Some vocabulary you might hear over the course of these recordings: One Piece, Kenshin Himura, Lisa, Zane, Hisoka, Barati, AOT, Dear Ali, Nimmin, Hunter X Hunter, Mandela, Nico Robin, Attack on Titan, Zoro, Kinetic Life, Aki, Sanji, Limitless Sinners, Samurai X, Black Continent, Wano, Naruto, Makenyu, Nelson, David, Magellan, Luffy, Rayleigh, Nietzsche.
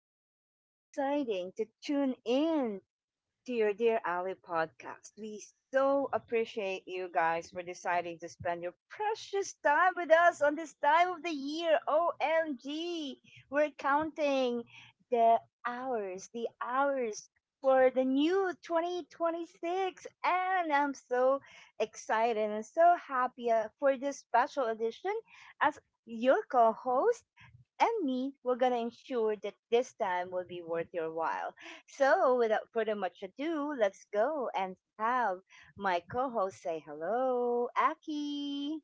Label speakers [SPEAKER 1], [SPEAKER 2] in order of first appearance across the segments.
[SPEAKER 1] for deciding to tune in to your Dear Ali podcast. We so appreciate you guys for deciding to spend your precious time with us on this time of the year. OMG, we're counting the the hours for the new 2026. And I'm so excited and so happy for this special edition as your co host and me, we're going to ensure that this time will be worth your while. So, without further much ado, let's go and have my co host say hello, Aki.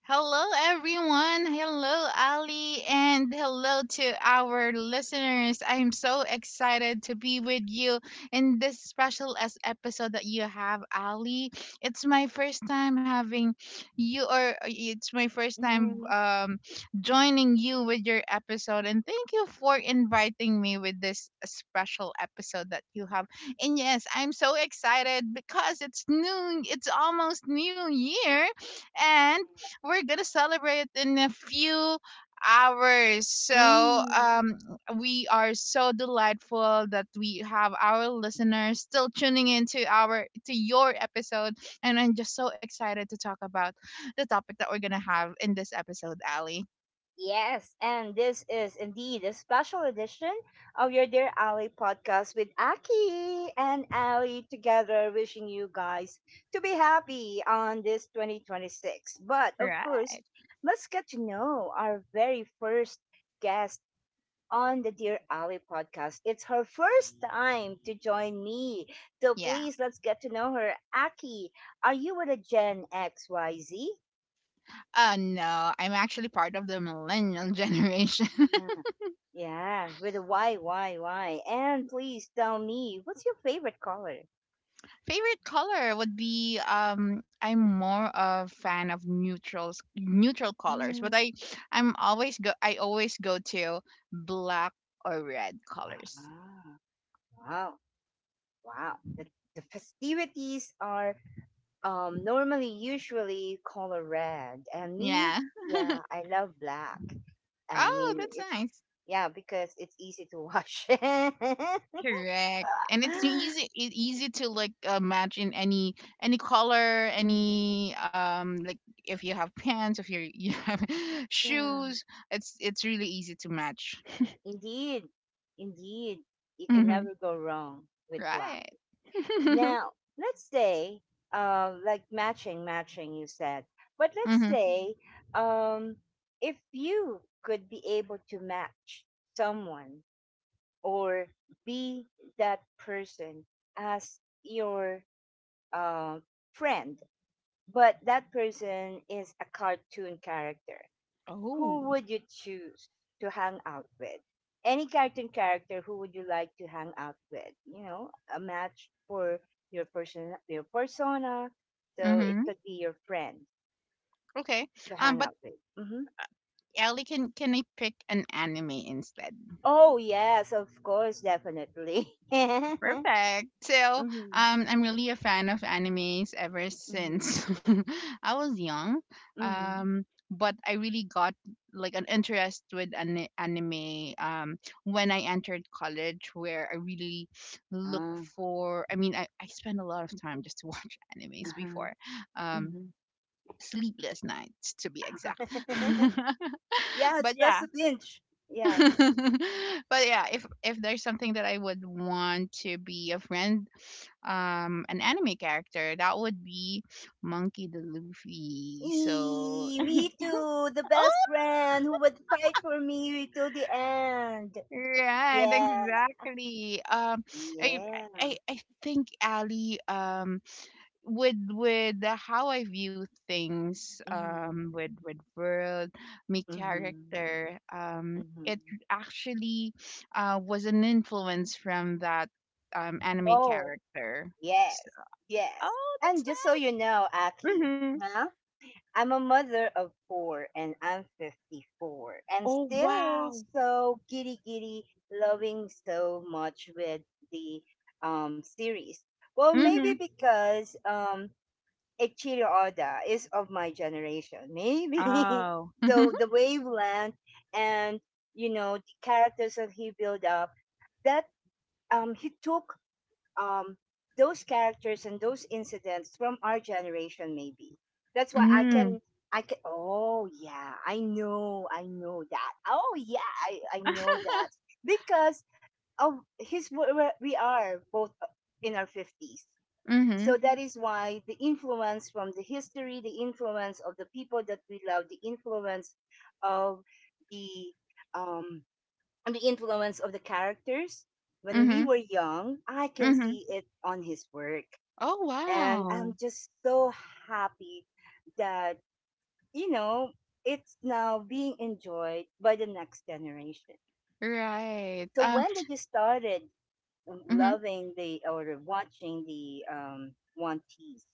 [SPEAKER 2] Hello, everyone. Hello, Ali, and hello to our listeners. I'm so excited to be with you in this special as episode that you have, Ali. It's my first time having you, or it's my first time
[SPEAKER 1] Mm,
[SPEAKER 2] joining you with your episode. And thank you for inviting me with this special episode that you have. And yes, I'm so excited because it's new. It's almost New Year and we're gonna celebrate in a few hours. So
[SPEAKER 1] mm.
[SPEAKER 2] we are so delightful that we have our listeners still tuning in to our to your episode, and I'm just so excited to talk about the topic that we're gonna have in this episode, Ali.
[SPEAKER 1] Yes, and this is indeed a special edition of your Dear Ali podcast with Aki and Ali together, wishing you guys to be happy on this 2026. But of
[SPEAKER 2] Right.
[SPEAKER 1] course, let's get to know our very first guest on the Dear Ali podcast. It's her first time to join me, so
[SPEAKER 2] Yeah.
[SPEAKER 1] please let's get to know her. Aki, are you with a Gen XYZ?
[SPEAKER 2] No, I'm actually part of the millennial generation.
[SPEAKER 1] Yeah, with a why, why. And please tell me, what's your favorite color?
[SPEAKER 2] Favorite color would be I'm more of fan of neutral colors, but
[SPEAKER 1] Mm.
[SPEAKER 2] I always go to black or red colors.
[SPEAKER 1] Ah, wow, wow. The festivities are normally usually color red, and me,
[SPEAKER 2] Yeah.
[SPEAKER 1] yeah, I love black. I
[SPEAKER 2] Oh,
[SPEAKER 1] mean,
[SPEAKER 2] that's
[SPEAKER 1] it's,
[SPEAKER 2] nice.
[SPEAKER 1] yeah, because it's easy to wash.
[SPEAKER 2] Correct. And it's easy to like match in any color,
[SPEAKER 1] Mhm.
[SPEAKER 2] any like if you have pants, if you're, you have
[SPEAKER 1] Yeah,
[SPEAKER 2] shoes, it's really easy to match.
[SPEAKER 1] indeed, indeed, you can
[SPEAKER 2] Mhm.
[SPEAKER 1] never go wrong with black.
[SPEAKER 2] Right.
[SPEAKER 1] Now, let's say, like matching, matching, you said. But let's
[SPEAKER 2] Hmm.
[SPEAKER 1] say, um, if you could be able to match someone or be that person as your uh, friend, but that person is a cartoon character, who
[SPEAKER 2] Oh.
[SPEAKER 1] would you choose to hang out with? Any cartoon character, who would you like to hang out with? You know, a match for your person, your persona. So it
[SPEAKER 2] Mm-hmm.
[SPEAKER 1] could be your friend
[SPEAKER 2] Okay.
[SPEAKER 1] to
[SPEAKER 2] Um,
[SPEAKER 1] hang
[SPEAKER 2] but
[SPEAKER 1] out with. Hmm.
[SPEAKER 2] Ellie, can I pick an anime instead?
[SPEAKER 1] Oh yes, of course, definitely. Mm-hmm.
[SPEAKER 2] Perfect. So, I'm really a fan of animes ever
[SPEAKER 1] Mm-hmm.
[SPEAKER 2] since I was young.
[SPEAKER 1] Mm-hmm.
[SPEAKER 2] Um, but I really got like an interest with an anime when I entered college, where I really look
[SPEAKER 1] Ah.
[SPEAKER 2] for. I mean, I spend a lot of time just to watch animes
[SPEAKER 1] Uh-huh.
[SPEAKER 2] before. Um.
[SPEAKER 1] Mm-hmm.
[SPEAKER 2] Sleepless nights, to be exact.
[SPEAKER 1] Yeah, it's
[SPEAKER 2] But
[SPEAKER 1] best
[SPEAKER 2] yeah,
[SPEAKER 1] to binge. Yeah.
[SPEAKER 2] but yeah, if there's something that I would want to be a friend, an anime character, that would be Monkey D. Luffy. So
[SPEAKER 1] Eee, me too. The best friend who would fight for me to the end.
[SPEAKER 2] right,
[SPEAKER 1] Yeah.
[SPEAKER 2] exactly. I I
[SPEAKER 1] Yeah.
[SPEAKER 2] I think, Ali. With how I view things,
[SPEAKER 1] Mm-hmm.
[SPEAKER 2] with world, my
[SPEAKER 1] Mm-hmm.
[SPEAKER 2] character,
[SPEAKER 1] Mm-hmm.
[SPEAKER 2] it actually was an influence from that anime
[SPEAKER 1] Oh,
[SPEAKER 2] character. So,
[SPEAKER 1] yes. Yes.
[SPEAKER 2] oh,
[SPEAKER 1] And
[SPEAKER 2] that's
[SPEAKER 1] just so you know,
[SPEAKER 2] nice.
[SPEAKER 1] Aki,
[SPEAKER 2] Mm-hmm.
[SPEAKER 1] huh? I'm a mother of four and I'm 54 and
[SPEAKER 2] Oh
[SPEAKER 1] still
[SPEAKER 2] wow.
[SPEAKER 1] so giddy giddy, loving so much with the series. Well,
[SPEAKER 2] Mm-hmm.
[SPEAKER 1] maybe because Eiichiro Oda is of my generation, maybe.
[SPEAKER 2] Oh.
[SPEAKER 1] So the wavelength and you know the characters that he built up, that he took um those characters and those incidents from our generation, maybe. That's why I
[SPEAKER 2] Mm.
[SPEAKER 1] can, oh yeah, I know that. Oh yeah, I know that. Because of his we are both in our fifties. So
[SPEAKER 2] Mm-hmm.
[SPEAKER 1] that is why the influence from the history, the influence of the people that we love, of the um the influence of the characters. When we
[SPEAKER 2] Mm-hmm.
[SPEAKER 1] were young, I can
[SPEAKER 2] Mm-hmm.
[SPEAKER 1] see it on his work.
[SPEAKER 2] Oh
[SPEAKER 1] And I'm
[SPEAKER 2] wow.
[SPEAKER 1] just so happy that, you know, it's now being enjoyed by the next generation.
[SPEAKER 2] Right.
[SPEAKER 1] So when did you started
[SPEAKER 2] Mhm.
[SPEAKER 1] loving the or watching the One Piece?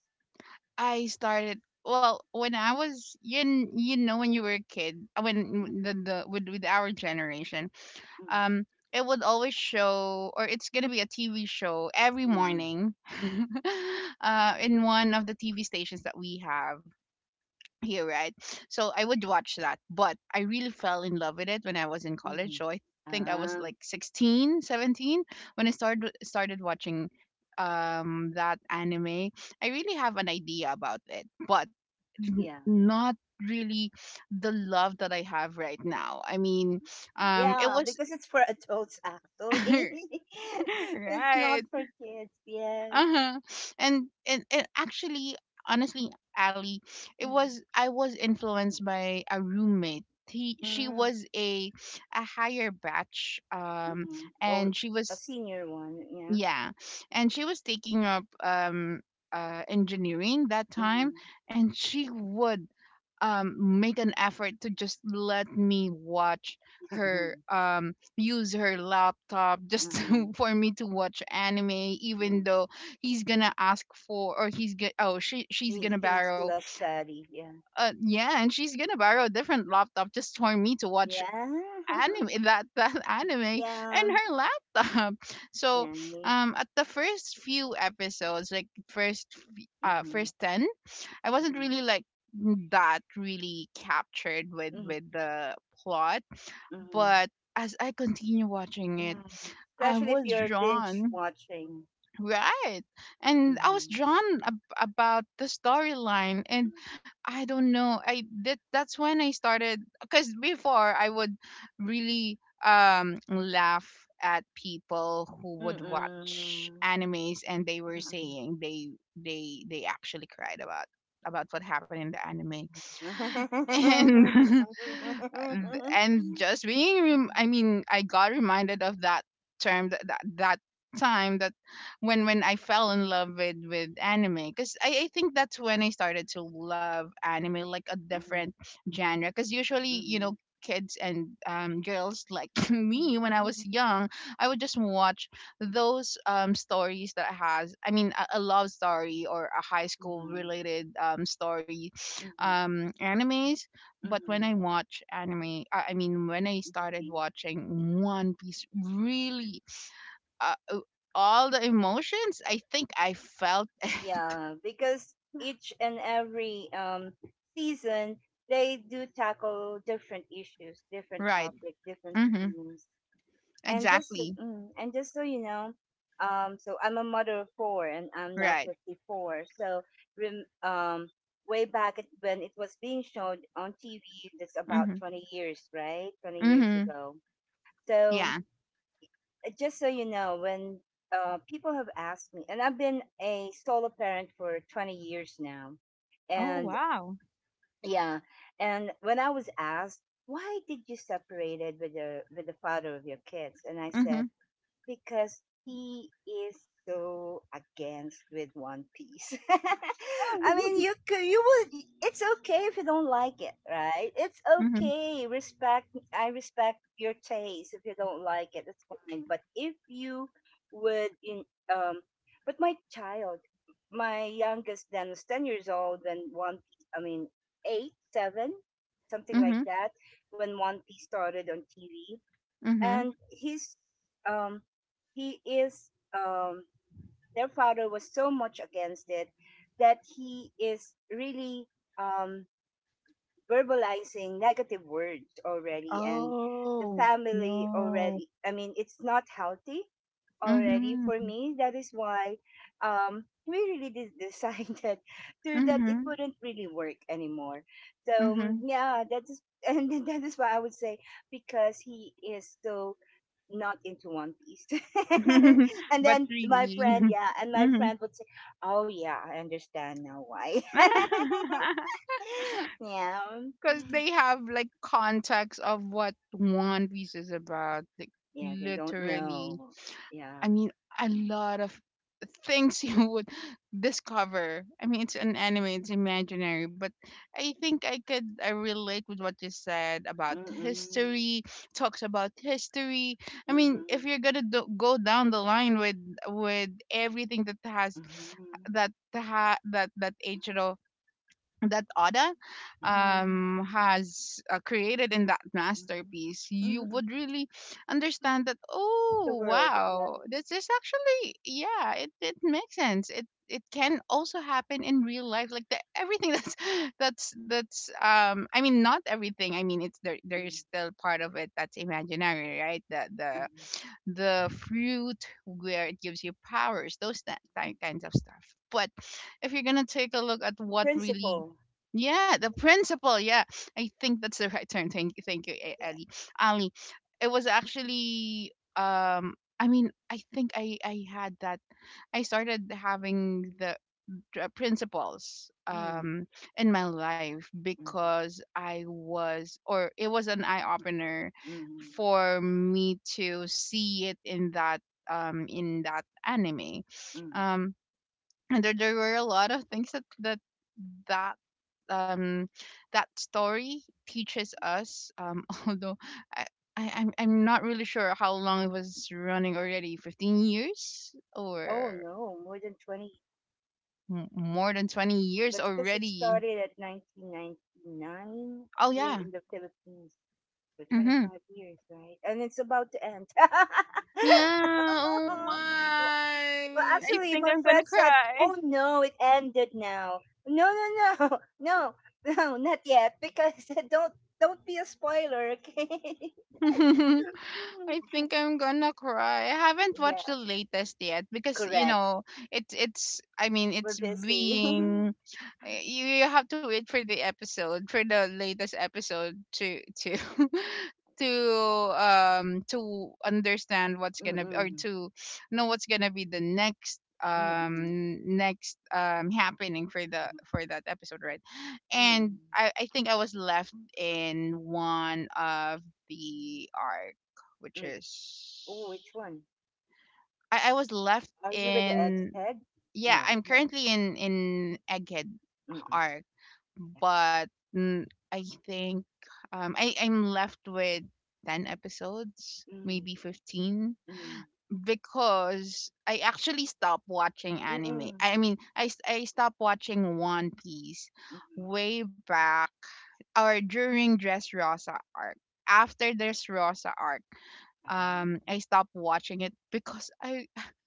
[SPEAKER 2] I started, well, when I was you know when you were a kid, when the with our generation,
[SPEAKER 1] Mm-hmm.
[SPEAKER 2] um it would always show or it's gonna be a TV show every
[SPEAKER 1] Mm,
[SPEAKER 2] morning, in one of the TV stations that we have here, right? So I would watch that, but I really fell in love with it when I was in college.
[SPEAKER 1] mhm.
[SPEAKER 2] So I think I was
[SPEAKER 1] Ah,
[SPEAKER 2] like 16, 17 when I started watching that anime. I really have an idea about it, but
[SPEAKER 1] yeah.
[SPEAKER 2] not really the love that I have right now. I mean, it
[SPEAKER 1] Yeah,
[SPEAKER 2] was.
[SPEAKER 1] because it's for adults actually. It's not
[SPEAKER 2] Right.
[SPEAKER 1] for kids. Yes.
[SPEAKER 2] Uh-huh. And actually, honestly, Ali, it
[SPEAKER 1] Mhm,
[SPEAKER 2] was, I was influenced by a roommate. He She
[SPEAKER 1] mhm,
[SPEAKER 2] was a higher batch,
[SPEAKER 1] mhm. Oh,
[SPEAKER 2] and she
[SPEAKER 1] a
[SPEAKER 2] was
[SPEAKER 1] senior one, yeah.
[SPEAKER 2] yeah, and she was taking up engineering that time,
[SPEAKER 1] Mhm.
[SPEAKER 2] and she would make an effort to just let me watch her, use her laptop, just
[SPEAKER 1] Uh-huh.
[SPEAKER 2] for me to watch anime
[SPEAKER 1] Yeah.
[SPEAKER 2] even though he's gonna ask for, or he's gonna, oh, she's
[SPEAKER 1] He
[SPEAKER 2] gonna
[SPEAKER 1] finished
[SPEAKER 2] borrow,
[SPEAKER 1] the study, yeah.
[SPEAKER 2] yeah, and she's gonna borrow a different laptop just for me to watch
[SPEAKER 1] Yeah.
[SPEAKER 2] anime. That that anime and
[SPEAKER 1] Yeah.
[SPEAKER 2] her laptop. So
[SPEAKER 1] Nice.
[SPEAKER 2] at the first few episodes, like
[SPEAKER 1] Mm-hmm.
[SPEAKER 2] first 10, I wasn't
[SPEAKER 1] Mm-hmm.
[SPEAKER 2] really like that really captured with
[SPEAKER 1] Mm-hmm.
[SPEAKER 2] the plot,
[SPEAKER 1] Mm-hmm.
[SPEAKER 2] but as I continue watching it,
[SPEAKER 1] Yeah.
[SPEAKER 2] I
[SPEAKER 1] Especially if
[SPEAKER 2] was
[SPEAKER 1] you're binge
[SPEAKER 2] drawn.
[SPEAKER 1] watching.
[SPEAKER 2] Right. And I was
[SPEAKER 1] Mm-hmm.
[SPEAKER 2] drawn about the storyline, and I don't know. I that that's when I started, cuz before I would really laugh at people who would watch
[SPEAKER 1] Mm-mm.
[SPEAKER 2] animes, and they were saying they they actually cried about what happened in the anime. And and just being I mean, I got reminded of that term, that that time, that when I fell in love with anime. Because I think that's when I started to love anime like a different genre, because usually, kids and, girls like me when I was young, I would just watch those, stories that has, I mean, a love story or a high school related, story, animes. But when I watch anime, I mean, when I started watching One Piece, really, uh, all the emotions I think I felt it.
[SPEAKER 1] Yeah, because each and every season they do tackle different issues, different
[SPEAKER 2] Right.
[SPEAKER 1] topic, different
[SPEAKER 2] Mm-hmm.
[SPEAKER 1] themes. And
[SPEAKER 2] Exactly.
[SPEAKER 1] and just so you know, so I'm a mother of four, and I'm now
[SPEAKER 2] Right.
[SPEAKER 1] 54. So rem- um, way back when it was being shown on TV, that's about
[SPEAKER 2] Mm-hmm.
[SPEAKER 1] 20 years, right? 20 years
[SPEAKER 2] Mm-hmm.
[SPEAKER 1] ago. So
[SPEAKER 2] Yeah.
[SPEAKER 1] just so you know, when people have asked me, and I've been a solo parent for 20 years now,
[SPEAKER 2] Oh
[SPEAKER 1] and
[SPEAKER 2] wow.
[SPEAKER 1] yeah, and when I was asked, "Why did you separated with the father of your kids?" And I
[SPEAKER 2] Mm-hmm.
[SPEAKER 1] said, because he is so against with One Piece. I
[SPEAKER 2] Oh.
[SPEAKER 1] mean, you could, you would. It's okay if you don't like it, right? It's
[SPEAKER 2] Mm-hmm.
[SPEAKER 1] okay. Respect. I respect your taste. If you don't like it, it's fine. But if you would, in um, but my child, my youngest then was 10 years old when One Piece. I mean, eight, seven, something like
[SPEAKER 2] Mm-hmm.
[SPEAKER 1] that. When One Piece started on TV,
[SPEAKER 2] Mm-hmm.
[SPEAKER 1] and his, um he is um their father was so much against it, that he is really um verbalizing negative words already, and the
[SPEAKER 2] Oh
[SPEAKER 1] family
[SPEAKER 2] no.
[SPEAKER 1] already, I mean, it's not healthy already for
[SPEAKER 2] Mm-hmm.
[SPEAKER 1] me. That is why we really decided to that it
[SPEAKER 2] Mm-hmm.
[SPEAKER 1] wouldn't really work anymore. So yeah, that is and that is why I would say, because he is so not into One Piece.
[SPEAKER 2] Mm-hmm.
[SPEAKER 1] And
[SPEAKER 2] But
[SPEAKER 1] then my
[SPEAKER 2] really.
[SPEAKER 1] friend, yeah, and my
[SPEAKER 2] Mm-hmm.
[SPEAKER 1] friend would say, "Oh yeah, I understand now why." Yeah,
[SPEAKER 2] Because they have like context of what One Piece is about. Like,
[SPEAKER 1] yeah, they don't
[SPEAKER 2] literally.
[SPEAKER 1] know. Yeah.
[SPEAKER 2] I mean, a lot of things you would discover. I mean, it's an anime, it's imaginary, but I think I relate with what you said about
[SPEAKER 1] Mm-mm.
[SPEAKER 2] history, talks about history. I mean,
[SPEAKER 1] Mm-hmm.
[SPEAKER 2] if you're going to go down the line with everything that has that ha- that that Eiichiro that Oda,
[SPEAKER 1] Mm-hmm. Mm-hmm.
[SPEAKER 2] has created in that masterpiece,
[SPEAKER 1] Mm-hmm.
[SPEAKER 2] you
[SPEAKER 1] Mm-hmm.
[SPEAKER 2] would really understand that.
[SPEAKER 1] The
[SPEAKER 2] Oh
[SPEAKER 1] world, yeah.
[SPEAKER 2] wow, this is actually, yeah, it makes sense. It can also happen in real life, like everything that's that's I mean, not everything. I mean, it's there there's
[SPEAKER 1] Mm-hmm.
[SPEAKER 2] still part of it that's imaginary, right? The the
[SPEAKER 1] Mm-hmm.
[SPEAKER 2] the fruit where it gives you powers, those, that kinds of stuff. But if you're gonna take a look at
[SPEAKER 1] The
[SPEAKER 2] what really.
[SPEAKER 1] principle,
[SPEAKER 2] Yeah, the principle. Yeah, I think that's the right term. Thank you,
[SPEAKER 1] yeah.
[SPEAKER 2] Ellie. Ali, it was actually. I mean, I think I had that. I started having the principles
[SPEAKER 1] Mm.
[SPEAKER 2] in my life
[SPEAKER 1] Mm-hmm.
[SPEAKER 2] because I was, or it was an eye opener
[SPEAKER 1] Mm-hmm.
[SPEAKER 2] for me to see it in that, in that anime.
[SPEAKER 1] Mm-hmm.
[SPEAKER 2] Um, and there were a lot of things that um that story teaches us, although, I, I'm not really sure how long it was running already. 15 years?
[SPEAKER 1] Oh
[SPEAKER 2] Or
[SPEAKER 1] no, more than 20.
[SPEAKER 2] more than 20 years
[SPEAKER 1] But because it
[SPEAKER 2] already.
[SPEAKER 1] started at 1999
[SPEAKER 2] Oh
[SPEAKER 1] here
[SPEAKER 2] yeah.
[SPEAKER 1] in the Philippines, so
[SPEAKER 2] Mm-hmm.
[SPEAKER 1] 25 years, right? And it's about to end.
[SPEAKER 2] Yeah. Oh
[SPEAKER 1] Well,
[SPEAKER 2] my, I
[SPEAKER 1] actually,
[SPEAKER 2] think
[SPEAKER 1] my
[SPEAKER 2] I'm gonna
[SPEAKER 1] friend said,
[SPEAKER 2] cry.
[SPEAKER 1] "Oh no, it ended now." No, no, no, no, no, not yet, because don't don't be a spoiler, okay?
[SPEAKER 2] I think I'm gonna cry. I haven't watched the
[SPEAKER 1] Yeah,
[SPEAKER 2] latest yet, because,
[SPEAKER 1] correct.
[SPEAKER 2] it's. I mean,
[SPEAKER 1] We're
[SPEAKER 2] it's
[SPEAKER 1] busy.
[SPEAKER 2] being, you have to wait for the latest episode to to understand what's
[SPEAKER 1] Mm-mm,
[SPEAKER 2] gonna be, or
[SPEAKER 1] mm-mm,
[SPEAKER 2] to know what's gonna be the next,
[SPEAKER 1] mm-mm.
[SPEAKER 2] next, happening for the for that episode, right? And
[SPEAKER 1] Mm.
[SPEAKER 2] I think I was left in one of the arc, which
[SPEAKER 1] Oh,
[SPEAKER 2] is,
[SPEAKER 1] which one?
[SPEAKER 2] I was left
[SPEAKER 1] Are you with the egg's
[SPEAKER 2] in,
[SPEAKER 1] head?
[SPEAKER 2] yeah,
[SPEAKER 1] No.
[SPEAKER 2] I'm
[SPEAKER 1] No.
[SPEAKER 2] currently in Egghead
[SPEAKER 1] Mm-mm.
[SPEAKER 2] Park, but mm, I think, I'm left with 10 episodes,
[SPEAKER 1] Yeah. Mm,
[SPEAKER 2] maybe 15,
[SPEAKER 1] mm,
[SPEAKER 2] because I actually stopped watching anime.
[SPEAKER 1] mm-mm,
[SPEAKER 2] I mean, I stopped watching One Piece
[SPEAKER 1] mm-mm.
[SPEAKER 2] way back, or during Dressrosa arc. After Dressrosa arc,
[SPEAKER 1] Um,
[SPEAKER 2] I stopped watching it because I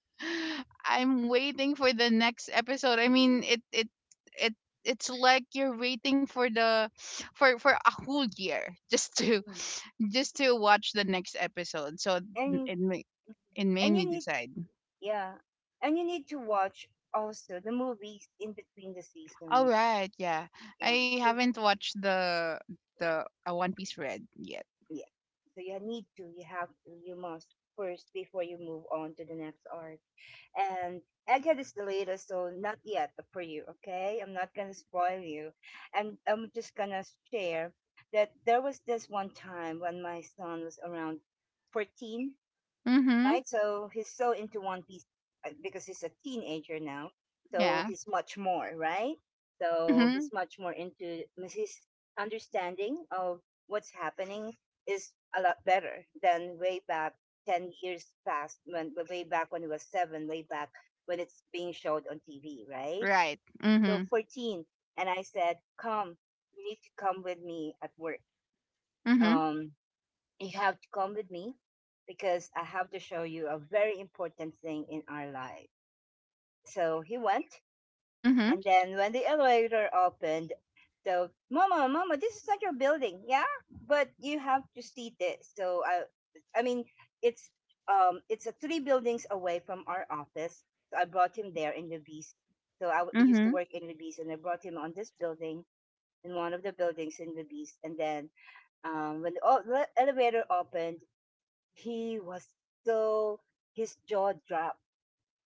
[SPEAKER 2] I'm waiting for the next episode. I
[SPEAKER 1] mm,
[SPEAKER 2] mean, it it's like you're waiting for the for a whole year just to
[SPEAKER 1] mm.
[SPEAKER 2] watch the next episode. So
[SPEAKER 1] And
[SPEAKER 2] it ma- it made
[SPEAKER 1] and
[SPEAKER 2] me
[SPEAKER 1] you need,
[SPEAKER 2] decide.
[SPEAKER 1] yeah, and you need to watch also the movies in between the
[SPEAKER 2] All
[SPEAKER 1] seasons.
[SPEAKER 2] right, yeah.
[SPEAKER 1] Yeah.
[SPEAKER 2] I
[SPEAKER 1] You,
[SPEAKER 2] haven't watched the the One Piece Red yet.
[SPEAKER 1] yeah. So you need to. You have. You must, first, before you move on to the next art. And Egghead is the latest, so not yet for you, okay? I'm not gonna spoil you. And I'm just gonna share that there was this one time when my son was around 14,
[SPEAKER 2] Mhm.
[SPEAKER 1] right? So he's so into One Piece because he's a teenager now. So
[SPEAKER 2] Yeah.
[SPEAKER 1] he's much more, right? So he's
[SPEAKER 2] Mhm.
[SPEAKER 1] much more into his understanding of what's happening, is a lot better than way back 10 years past, when way back when he was seven, way back when it's being showed on TV, right?
[SPEAKER 2] Right.
[SPEAKER 1] So
[SPEAKER 2] Mhm.
[SPEAKER 1] 14. And I said, come, you need to come with me at work.
[SPEAKER 2] Mhm.
[SPEAKER 1] Um, you have to come with me because I have to show you a very important thing in our life. So he went,
[SPEAKER 2] Mhm.
[SPEAKER 1] and then when the elevator opened, so Mama, Mama, this is not your building, yeah, but you have to see this. So I mean, it's it's a three buildings away from our office. So I brought him there in Levi's. So I used to
[SPEAKER 2] Mhm.
[SPEAKER 1] work in Levi's, and I brought him on this building in one of the buildings in Levi's, and then when the elevator opened, he was so his jaw dropped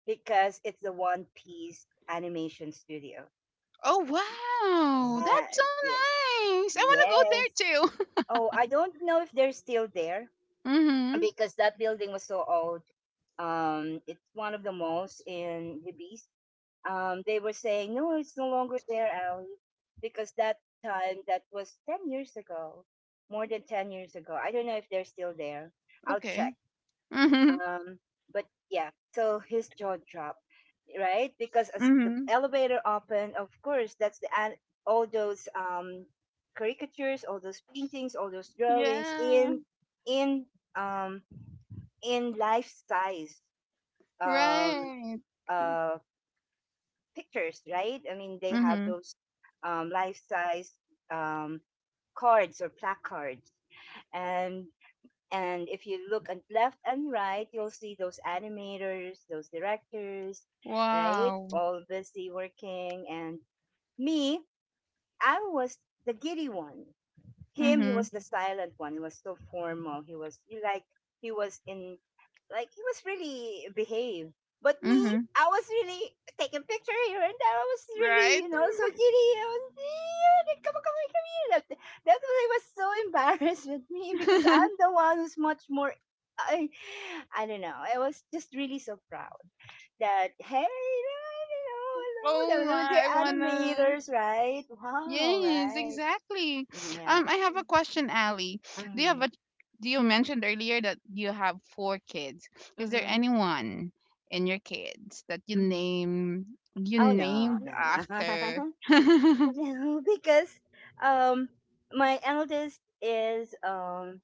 [SPEAKER 1] because it's the One Piece animation studio.
[SPEAKER 2] Oh wow, that's so
[SPEAKER 1] Yes, yes,
[SPEAKER 2] nice. I want
[SPEAKER 1] yes.
[SPEAKER 2] to go there too.
[SPEAKER 1] Oh, I don't know if they're still there
[SPEAKER 2] Mhm.
[SPEAKER 1] because that building was so old. It's one of the malls in the they were saying no, it's no longer there, Ali, because that time that was 10 years ago, more than 10 years ago. I don't know if they're still there. I'll
[SPEAKER 2] Okay.
[SPEAKER 1] check.
[SPEAKER 2] Mhm.
[SPEAKER 1] Um, but yeah, so his jaw dropped, right? Because as the
[SPEAKER 2] Mhm.
[SPEAKER 1] elevator opened, of course, that's all those caricatures, all those paintings, all those drawings
[SPEAKER 2] Yeah.
[SPEAKER 1] in in um in life size um
[SPEAKER 2] Right.
[SPEAKER 1] uh pictures, right? I mean, they have
[SPEAKER 2] Mhm.
[SPEAKER 1] those life size um cards or placards, and and if you look at left and right, you'll see those animators, those directors, right?
[SPEAKER 2] Wow.
[SPEAKER 1] All busy working. And me, I was the giddy one. Him, he
[SPEAKER 2] Mhm.
[SPEAKER 1] was the silent one. He was so formal. He like, he was in, like, he was really behaved. But me,
[SPEAKER 2] Mhm.
[SPEAKER 1] I was really taking picture here and there. I was
[SPEAKER 2] Right.
[SPEAKER 1] really, you know, so giddy. I was, "Yeah, come on, come on, come here!" That, that was I was so embarrassed with me because I'm the one who's much more, i I don't know, I was just really so proud that hey, you
[SPEAKER 2] Oh
[SPEAKER 1] know, hello, the
[SPEAKER 2] my, I wanna.
[SPEAKER 1] animators, right? Wow,
[SPEAKER 2] Yes,
[SPEAKER 1] right?
[SPEAKER 2] exactly.
[SPEAKER 1] Mm, yeah.
[SPEAKER 2] I have a question, Ali. Do you have
[SPEAKER 1] Mhm.
[SPEAKER 2] a? Do you mentioned earlier that you have four kids? Is there
[SPEAKER 1] Mhm.
[SPEAKER 2] anyone in your kids that
[SPEAKER 1] Mhm.
[SPEAKER 2] you
[SPEAKER 1] Oh no,
[SPEAKER 2] named
[SPEAKER 1] no, no.
[SPEAKER 2] after? Mm-hmm.
[SPEAKER 1] No, because um my eldest is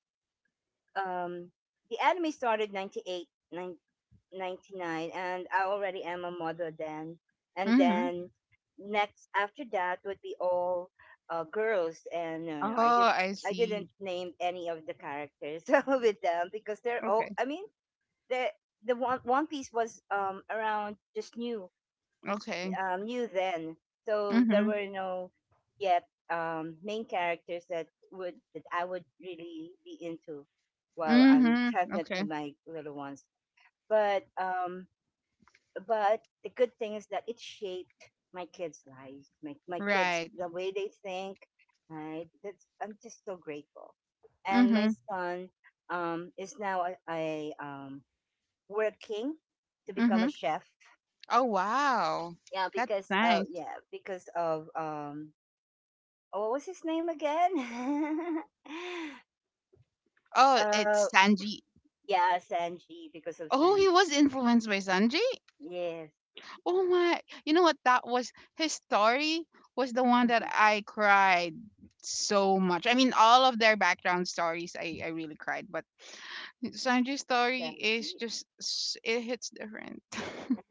[SPEAKER 1] um the anime started 99, and I already am a mother then. And then next after that would be all girls and no, no,
[SPEAKER 2] Oh, I
[SPEAKER 1] I didn't
[SPEAKER 2] see.
[SPEAKER 1] name any of the characters with them because they're all,
[SPEAKER 2] Okay.
[SPEAKER 1] I mean, the the one, One Piece was around just new,
[SPEAKER 2] Okay.
[SPEAKER 1] new then. So there
[SPEAKER 2] Mhm.
[SPEAKER 1] were no yet main characters that I would really be into while I'm
[SPEAKER 2] Mhm.
[SPEAKER 1] pregnant
[SPEAKER 2] Okay.
[SPEAKER 1] with my little ones. But um, but the good thing is that it shaped my kids' lives, my kids
[SPEAKER 2] Right.
[SPEAKER 1] the way they think. Right? That's I'm just so grateful. And my
[SPEAKER 2] Mhm.
[SPEAKER 1] son is now a working to become a
[SPEAKER 2] Mhm.
[SPEAKER 1] chef,
[SPEAKER 2] Oh wow,
[SPEAKER 1] yeah,
[SPEAKER 2] that's
[SPEAKER 1] because
[SPEAKER 2] nice.
[SPEAKER 1] because of what was his name again?
[SPEAKER 2] Oh,
[SPEAKER 1] uh,
[SPEAKER 2] it's Sanji.
[SPEAKER 1] yeah, Sanji, because of
[SPEAKER 2] Oh, he was
[SPEAKER 1] Sanji.
[SPEAKER 2] influenced by Sanji.
[SPEAKER 1] Yes,
[SPEAKER 2] Oh my, you know what? That was His story was the one that
[SPEAKER 1] mhm.
[SPEAKER 2] I cried so much. I mean, all of their background stories, I really cried, but Sanji's story
[SPEAKER 1] Sanji,
[SPEAKER 2] is just, it hits different.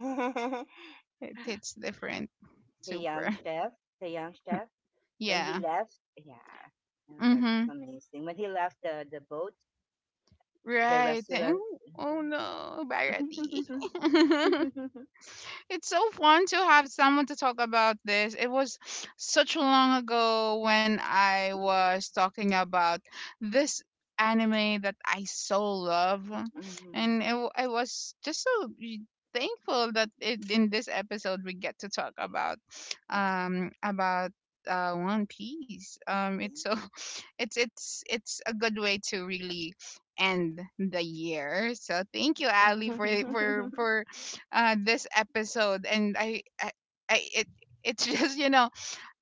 [SPEAKER 2] It hits different.
[SPEAKER 1] the young
[SPEAKER 2] Super.
[SPEAKER 1] chef, the young chef. When he
[SPEAKER 2] Yeah.
[SPEAKER 1] left, yeah, oh my God, it's
[SPEAKER 2] Mhm.
[SPEAKER 1] amazing. When he left the boat, the
[SPEAKER 2] Right. And-
[SPEAKER 1] restaurant.
[SPEAKER 2] Oh, no,
[SPEAKER 1] Mhm.
[SPEAKER 2] Barati. It's so fun to have someone to talk about this. It was such long ago when I was
[SPEAKER 1] Mhm.
[SPEAKER 2] talking about this anime that I so love,
[SPEAKER 1] Mhm.
[SPEAKER 2] and I was just so thankful that in this episode we get to talk about,
[SPEAKER 1] Yeah.
[SPEAKER 2] um about One Piece.
[SPEAKER 1] Yeah.
[SPEAKER 2] It's so it's a good way to really end the year. So thank you, Ali, for this episode, and I it it's just,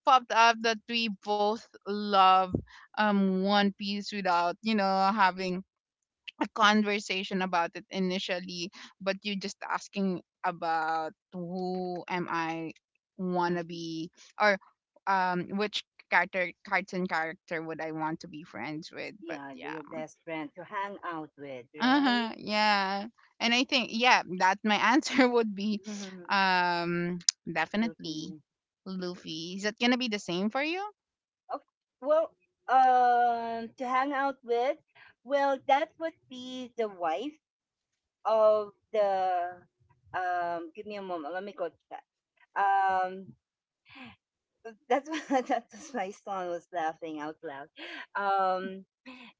[SPEAKER 2] popped up that we both love, One Piece, without having a conversation about it initially, but you just asking about who am I wanna
[SPEAKER 1] Mhm.
[SPEAKER 2] be, or which character cartoon character would I want to be friends with, but
[SPEAKER 1] Yeah,
[SPEAKER 2] yeah.
[SPEAKER 1] your best friend to hang out with, right?
[SPEAKER 2] Uh-huh. Yeah. And I think yeah, that my answer would be
[SPEAKER 1] Mhm.
[SPEAKER 2] um definitely
[SPEAKER 1] Luffy.
[SPEAKER 2] Luffy. Is that gonna be the same for you?
[SPEAKER 1] Oh, well, to hang out with, well, that would be the wife of the. Give me a moment. Let me go check. Um, that's what that's why my son was laughing out loud. Um,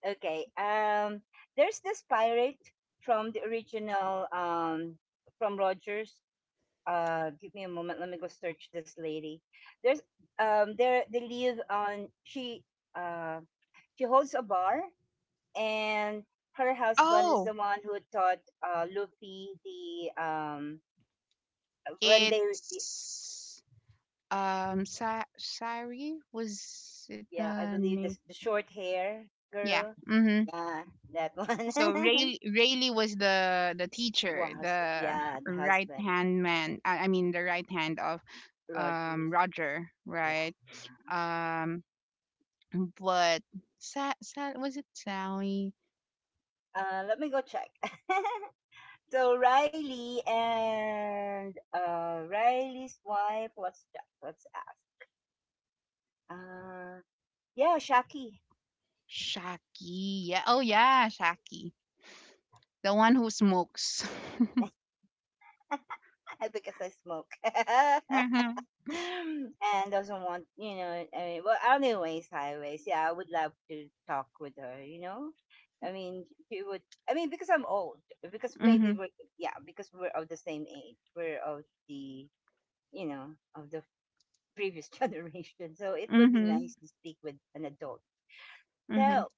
[SPEAKER 1] okay. There's this pirate from the original. From Rogers. Give me a moment. Let me go search this lady. There's there they live on she. uh. She holds a bar, and her husband is
[SPEAKER 2] Oh,
[SPEAKER 1] the one who taught Luffy the when they,
[SPEAKER 2] it's Sari, was it
[SPEAKER 1] yeah, I
[SPEAKER 2] the
[SPEAKER 1] believe the
[SPEAKER 2] name?
[SPEAKER 1] the short hair
[SPEAKER 2] Yeah.
[SPEAKER 1] girl,
[SPEAKER 2] Mm-hmm.
[SPEAKER 1] yeah, that
[SPEAKER 2] So
[SPEAKER 1] one.
[SPEAKER 2] Rayleigh was the teacher,
[SPEAKER 1] Was,
[SPEAKER 2] the
[SPEAKER 1] yeah, the
[SPEAKER 2] right
[SPEAKER 1] husband
[SPEAKER 2] hand man. I mean the right hand of
[SPEAKER 1] Rogers,
[SPEAKER 2] Roger,
[SPEAKER 1] yeah.
[SPEAKER 2] right? Um But Sa Sa was it Sally?
[SPEAKER 1] Uh, let me go check. So Riley and Riley's wife, let's check, let us ask. uh yeah, Shaki.
[SPEAKER 2] Shaki. Yeah. Oh yeah, Shaki. The one who smokes.
[SPEAKER 1] Because I smoke.
[SPEAKER 2] Mhm.
[SPEAKER 1] And doesn't want, I mean, well, anyways, highways, yeah, I would love to talk with her, you know? I mean, she would, I mean, because I'm old, because maybe
[SPEAKER 2] Mm-hmm.
[SPEAKER 1] we're, yeah, because we're of the same age, we're of the, you know, of the previous generation. So it would be
[SPEAKER 2] Mm-hmm.
[SPEAKER 1] nice to speak with an adult.
[SPEAKER 2] Mm-hmm.
[SPEAKER 1] So,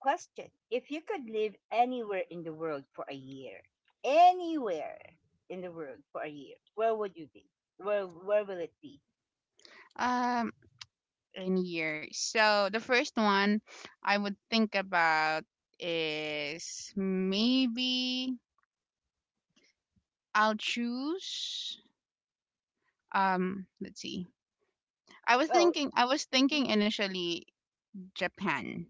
[SPEAKER 1] question: if you could live anywhere in the world for a year, anywhere in the world for a year, where would you be? Where will it be?
[SPEAKER 2] Um, in here. So the first one I would think about is maybe I'll choose. Let's see.
[SPEAKER 1] Well,
[SPEAKER 2] I was
[SPEAKER 1] mhm,
[SPEAKER 2] thinking initially Japan.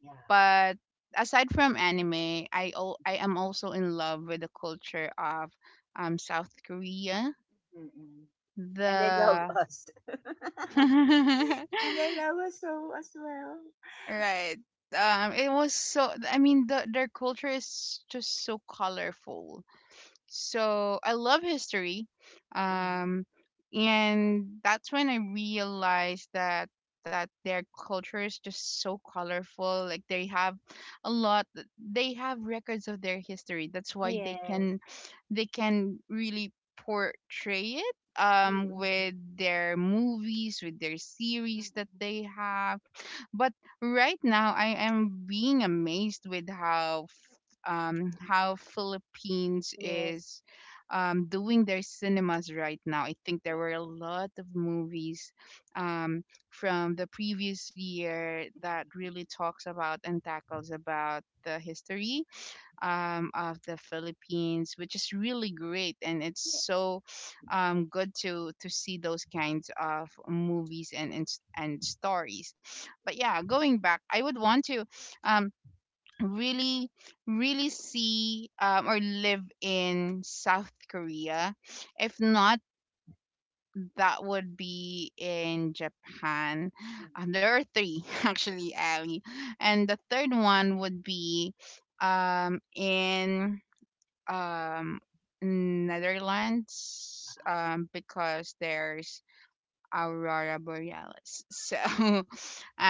[SPEAKER 1] yeah.
[SPEAKER 2] But aside from anime, I am also in love with the culture of South Korea.
[SPEAKER 1] Mm-mm. And they love
[SPEAKER 2] The
[SPEAKER 1] us. And they love us so as well.
[SPEAKER 2] right. It was so. I mean, the their culture is just so colorful, so I love history.
[SPEAKER 1] Mm.
[SPEAKER 2] Um, and that's when I realized that their culture is just so colorful. Like they have a lot. They have records of their history. That's why
[SPEAKER 1] Yes.
[SPEAKER 2] they can really portray it
[SPEAKER 1] Mm-mm.
[SPEAKER 2] with their movies, with their series that
[SPEAKER 1] Mm-mm.
[SPEAKER 2] they have. But right now I am being amazed with how Philippines
[SPEAKER 1] Yes.
[SPEAKER 2] is doing their cinemas right now. I think there
[SPEAKER 1] Yes.
[SPEAKER 2] were a lot of movies um, from the previous year that
[SPEAKER 1] Mm-mm.
[SPEAKER 2] really talks about and tackles about the history of the Philippines, which is really great, and it's
[SPEAKER 1] Yes.
[SPEAKER 2] so good to see those kinds of movies and and stories. But yeah, going back, I would want to. Um, really Really see or live in South Korea. If not, that would be in Japan.
[SPEAKER 1] Mm.
[SPEAKER 2] There are three actually, Ali, and the third one would be in um, Netherlands, because there's aurora borealis. So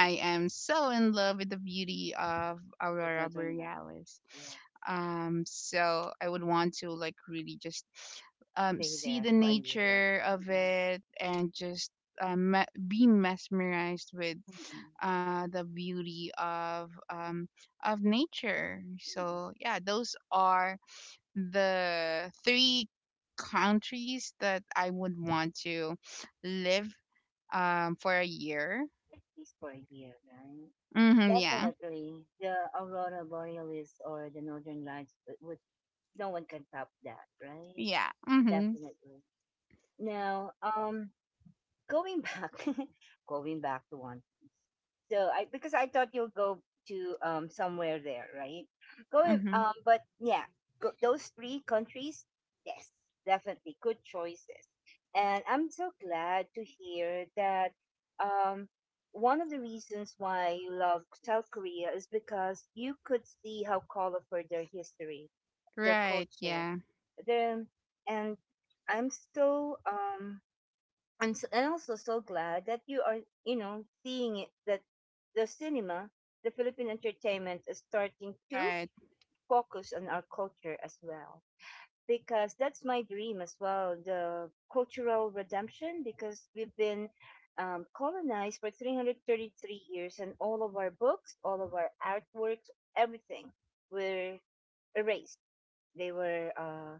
[SPEAKER 1] Yes. Yes.
[SPEAKER 2] am so in love with the beauty of
[SPEAKER 1] The
[SPEAKER 2] aurora
[SPEAKER 1] northern lights.
[SPEAKER 2] borealis.
[SPEAKER 1] Yeah.
[SPEAKER 2] So I would want to, like, really just
[SPEAKER 1] Stay
[SPEAKER 2] see
[SPEAKER 1] there
[SPEAKER 2] the
[SPEAKER 1] for a year.
[SPEAKER 2] nature of
[SPEAKER 1] Mm-mm.
[SPEAKER 2] it and just be mesmerized with
[SPEAKER 1] Mm-mm.
[SPEAKER 2] the beauty of nature.
[SPEAKER 1] Mm-mm.
[SPEAKER 2] So yeah, those are the three countries that I would want to live for a year.
[SPEAKER 1] At least for a year, right?
[SPEAKER 2] Mm-hmm, yeah.
[SPEAKER 1] Definitely, the aurora borealis or the northern lights would no one can top that, right?
[SPEAKER 2] Yeah. Mm-hmm.
[SPEAKER 1] Definitely. Now, going back, going back to One Piece. So I, because I thought you'll go to somewhere there, right? Going,
[SPEAKER 2] Mm-hmm.
[SPEAKER 1] but yeah, go, those three countries, yes, definitely good choices. And I'm so glad to hear that um one of the reasons why you love South Korea is because you could see how colorful their history, their
[SPEAKER 2] Right.
[SPEAKER 1] culture,
[SPEAKER 2] Yeah.
[SPEAKER 1] their, and I'm so I'm also so glad that you are, you know, seeing it, that the cinema, the Philippine entertainment is starting to
[SPEAKER 2] Right.
[SPEAKER 1] focus on our culture as well. Because that's my dream as well, the cultural redemption, because we've been colonized for 333 years, and all of our books, all of our artworks, everything were erased. They were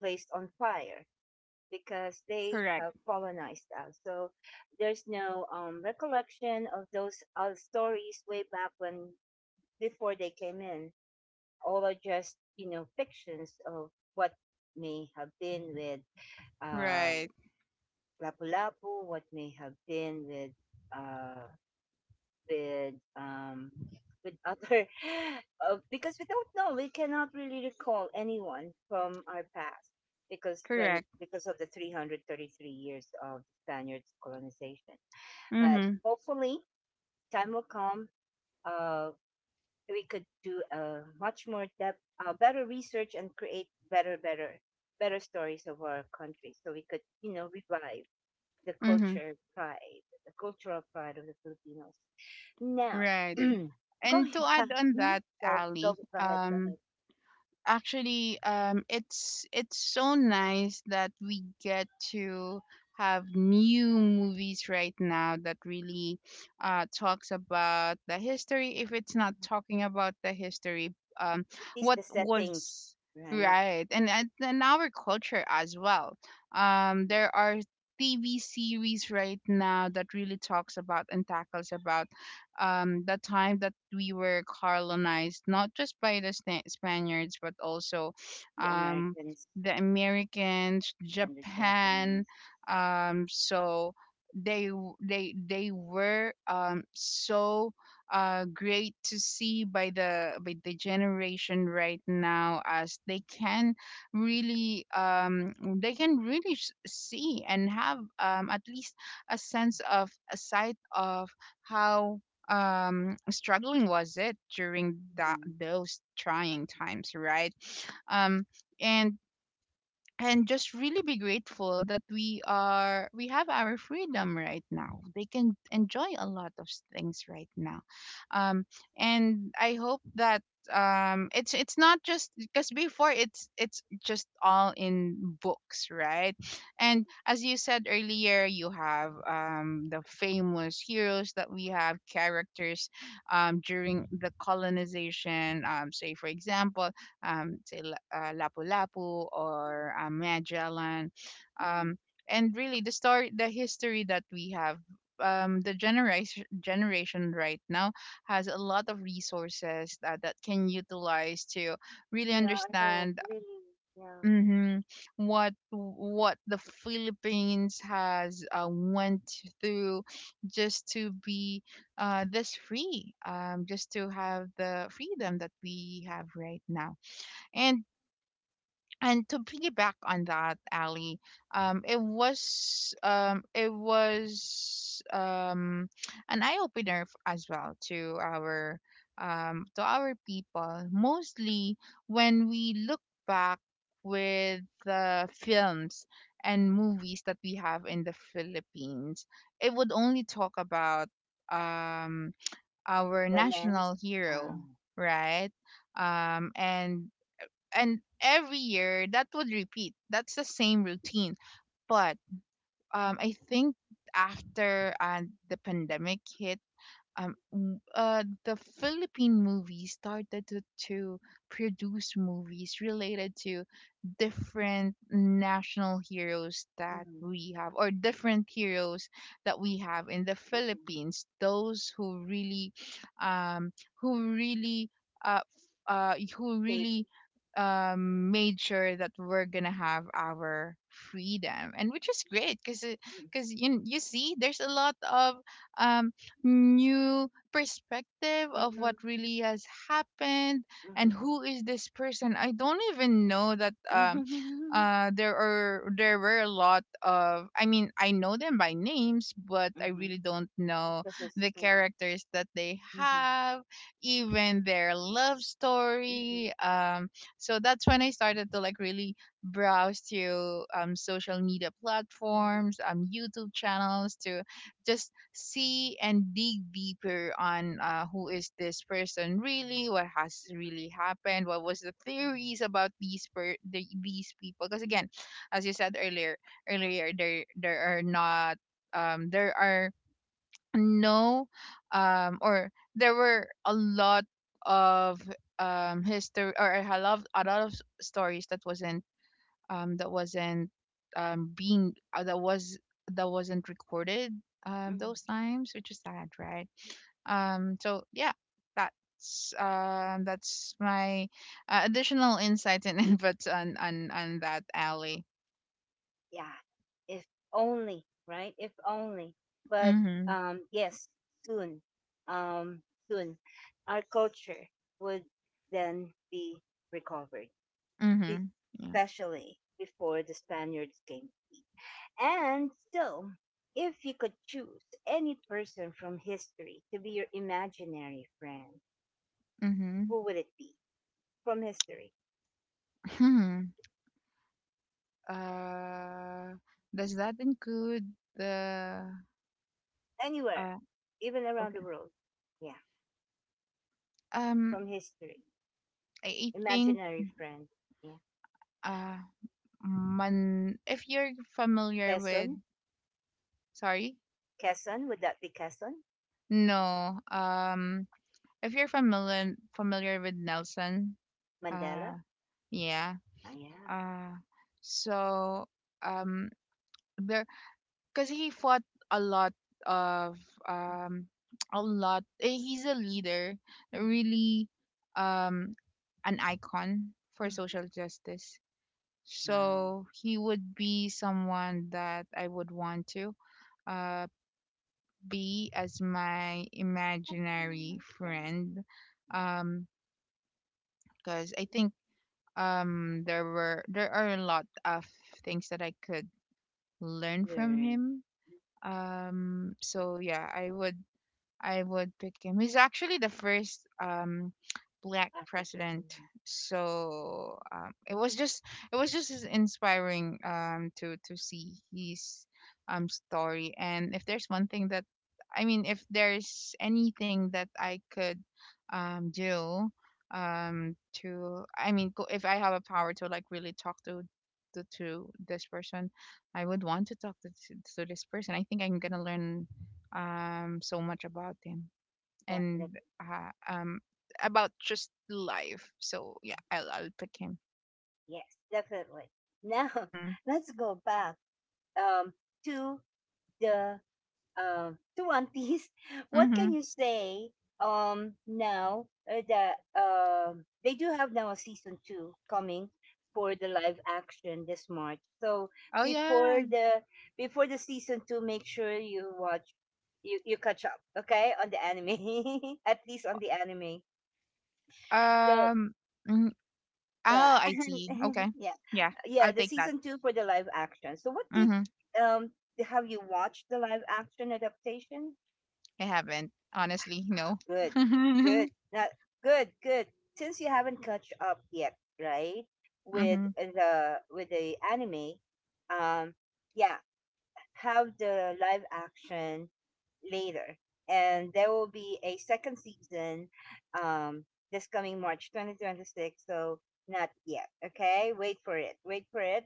[SPEAKER 1] placed on fire because they
[SPEAKER 2] Correct.
[SPEAKER 1] have colonized us. So there's no recollection of those stories way back when before they came in. All are just, you know, fictions of what may have been with uh,
[SPEAKER 2] Right.
[SPEAKER 1] Lapu-Lapu, what may have been uh, with um with other because we don't know, we cannot really recall anyone from our past because when
[SPEAKER 2] Correct.
[SPEAKER 1] because of the 333 years of Spaniards colonization. But
[SPEAKER 2] Mm-hmm.
[SPEAKER 1] hopefully time will come, uh we could do a much more depth, better research, and create better better stories of our country so we could, you know, revive the
[SPEAKER 2] Mm-hmm.
[SPEAKER 1] culture pride, the cultural pride of the Filipinos. Now,
[SPEAKER 2] Right.
[SPEAKER 1] going
[SPEAKER 2] And to add
[SPEAKER 1] back,
[SPEAKER 2] on
[SPEAKER 1] mm,
[SPEAKER 2] that, Ali,
[SPEAKER 1] go ahead, go ahead.
[SPEAKER 2] actually it's so nice that we get to have new movies right now that really talks about the history. If it's not
[SPEAKER 1] Mhm.
[SPEAKER 2] talking about the history um
[SPEAKER 1] At
[SPEAKER 2] what
[SPEAKER 1] least the settings,
[SPEAKER 2] was
[SPEAKER 1] right?
[SPEAKER 2] right. And and our culture as well.
[SPEAKER 1] Mhm.
[SPEAKER 2] There are TV series right now that really talks about and tackles about the time that we were colonized, not just by the Spaniards, but also
[SPEAKER 1] The
[SPEAKER 2] um,
[SPEAKER 1] Americans
[SPEAKER 2] the Americans,
[SPEAKER 1] and the
[SPEAKER 2] Japan.
[SPEAKER 1] Japanese.
[SPEAKER 2] So they were so great to see by the generation right now, as they can really they can see and have at least a sense of a sight of how struggling was it during that
[SPEAKER 1] Mhm.
[SPEAKER 2] those trying times, right? um and just really be grateful that we have our freedom right now. They can enjoy a lot of things right now. um and I hope that it's not just because before it's just all in books, right? And as you said earlier, you have the famous heroes that we have, characters during the colonization, say for example, Lapu-Lapu or Magellan.
[SPEAKER 1] Mhm.
[SPEAKER 2] Um, and really, the story, the history that we have, the generation right now has a lot of resources that, that can utilize to really
[SPEAKER 1] Yeah, I know,
[SPEAKER 2] understand
[SPEAKER 1] really, yeah.
[SPEAKER 2] mhm, what the Philippines has went through just to be this free, just to have the freedom that we have right now. And and to piggyback on that, Ali, it was an eye opener as well to our people, mostly when we look back with the films and
[SPEAKER 1] Mhm.
[SPEAKER 2] movies that we have in the Philippines. It would only talk about um, our national
[SPEAKER 1] Romance,
[SPEAKER 2] hero,
[SPEAKER 1] um,
[SPEAKER 2] right? Um, and and every year that would repeat, that's the same routine. But I think after the pandemic hit, the Philippine movies started to produce movies related to different national heroes that
[SPEAKER 1] mhm.
[SPEAKER 2] we have, or different heroes that we have in the
[SPEAKER 1] Mhm.
[SPEAKER 2] Philippines, those who really um who really uh f- who
[SPEAKER 1] Shape.
[SPEAKER 2] really made sure that we're gonna have our freedom, and which is great, because you see there's a lot of um new perspective
[SPEAKER 1] Mm-hmm.
[SPEAKER 2] of what
[SPEAKER 1] Mm-hmm.
[SPEAKER 2] really has happened, and
[SPEAKER 1] Mm-hmm.
[SPEAKER 2] who is this person, I don't even know that there are there were a lot of, I mean, I know them by names, but I
[SPEAKER 1] Mm-hmm.
[SPEAKER 2] really don't know
[SPEAKER 1] Because of
[SPEAKER 2] the
[SPEAKER 1] school.
[SPEAKER 2] characters that they
[SPEAKER 1] Mm-hmm.
[SPEAKER 2] have, even their love
[SPEAKER 1] Mm-hmm.
[SPEAKER 2] story. So that's when I started to like really browse to social media
[SPEAKER 1] Mm-hmm.
[SPEAKER 2] platforms, YouTube channels, to just see and dig deeper on who is this person really, what has really happened, what was the theories about the, these people. Because again, as you said earlier, earlier there there are not there are no or there were a lot of history or a lot of stories that wasn't being that was that wasn't recorded
[SPEAKER 1] Mhm.
[SPEAKER 2] those times, which is sad, right? So yeah, that's my additional insights and inputs on that, alley.
[SPEAKER 1] Yeah, if only, right? If only. But
[SPEAKER 2] Mhm.
[SPEAKER 1] yes, soon, um, soon, our culture would then be recovered, be-
[SPEAKER 2] Mhm. Yeah.
[SPEAKER 1] especially before the Spaniards came. And still, if you could choose any person from history to be your imaginary friend,
[SPEAKER 2] Mhm.
[SPEAKER 1] who would it be? From history,
[SPEAKER 2] Hmm. Uh, does that include the
[SPEAKER 1] anywhere,
[SPEAKER 2] uh?
[SPEAKER 1] even around the
[SPEAKER 2] Okay.
[SPEAKER 1] world. Yeah,
[SPEAKER 2] Um,
[SPEAKER 1] from history.
[SPEAKER 2] I think
[SPEAKER 1] Imaginary friend. Yeah.
[SPEAKER 2] uh, man. If you're familiar with,
[SPEAKER 1] Quezon?
[SPEAKER 2] sorry?
[SPEAKER 1] Quezon? Would that be Quezon?
[SPEAKER 2] No. If you're familiar with Nelson, uh
[SPEAKER 1] Mandela?
[SPEAKER 2] yeah.
[SPEAKER 1] Ah, yeah.
[SPEAKER 2] Uh, so um there, cuz he fought a lot of um a lot eh, he's a leader,
[SPEAKER 1] Mhm.
[SPEAKER 2] really, um an icon for
[SPEAKER 1] Mhm.
[SPEAKER 2] social justice.
[SPEAKER 1] Wow.
[SPEAKER 2] So he would be someone that I would want to uh B as my imaginary
[SPEAKER 1] Imaginary friend.
[SPEAKER 2] friend.
[SPEAKER 1] Wow.
[SPEAKER 2] Um, because I think there are a lot of things that I could learn from
[SPEAKER 1] Learn.
[SPEAKER 2] him. So yeah, I would pick him. He's actually the first black
[SPEAKER 1] Africa.
[SPEAKER 2] president.
[SPEAKER 1] Mhm.
[SPEAKER 2] So it was just as inspiring to see his story. And if there's one thing that, I mean, if there's anything that I could do to I mean, if I have a power to like really talk to to this person, I would want to talk to this person, I think I'm gonna learn so much about him and
[SPEAKER 1] Definitely.
[SPEAKER 2] about just life. So yeah, I'll pick him.
[SPEAKER 1] Yes, definitely. Now,
[SPEAKER 2] Mm-hmm.
[SPEAKER 1] let's go back, um, to the uh, to One Piece, what
[SPEAKER 2] Mm-hmm.
[SPEAKER 1] can you say now, that they do have now a season two coming for the live action this March. So
[SPEAKER 2] Oh
[SPEAKER 1] before
[SPEAKER 2] yeah.
[SPEAKER 1] the before the season two, make sure you watch, you catch up, okay, on the anime at least on the anime. So,
[SPEAKER 2] Um. mm, Oh,
[SPEAKER 1] uh,
[SPEAKER 2] I see. Okay.
[SPEAKER 1] yeah,
[SPEAKER 2] Yeah,
[SPEAKER 1] yeah,
[SPEAKER 2] I'll
[SPEAKER 1] the
[SPEAKER 2] take that.
[SPEAKER 1] season two for the live action. So what did
[SPEAKER 2] Mm-hmm.
[SPEAKER 1] um have you watched the live action adaptation?
[SPEAKER 2] I haven't, honestly. No.
[SPEAKER 1] Good,
[SPEAKER 2] mm-hmm.
[SPEAKER 1] good. Now, good, good. Since you haven't catch up yet, right,
[SPEAKER 2] Mm-hmm.
[SPEAKER 1] with the anime, um, yeah, have the live action later, and there will be a second season, um, this coming March 2026. So not yet. Okay, wait for it. Wait for it,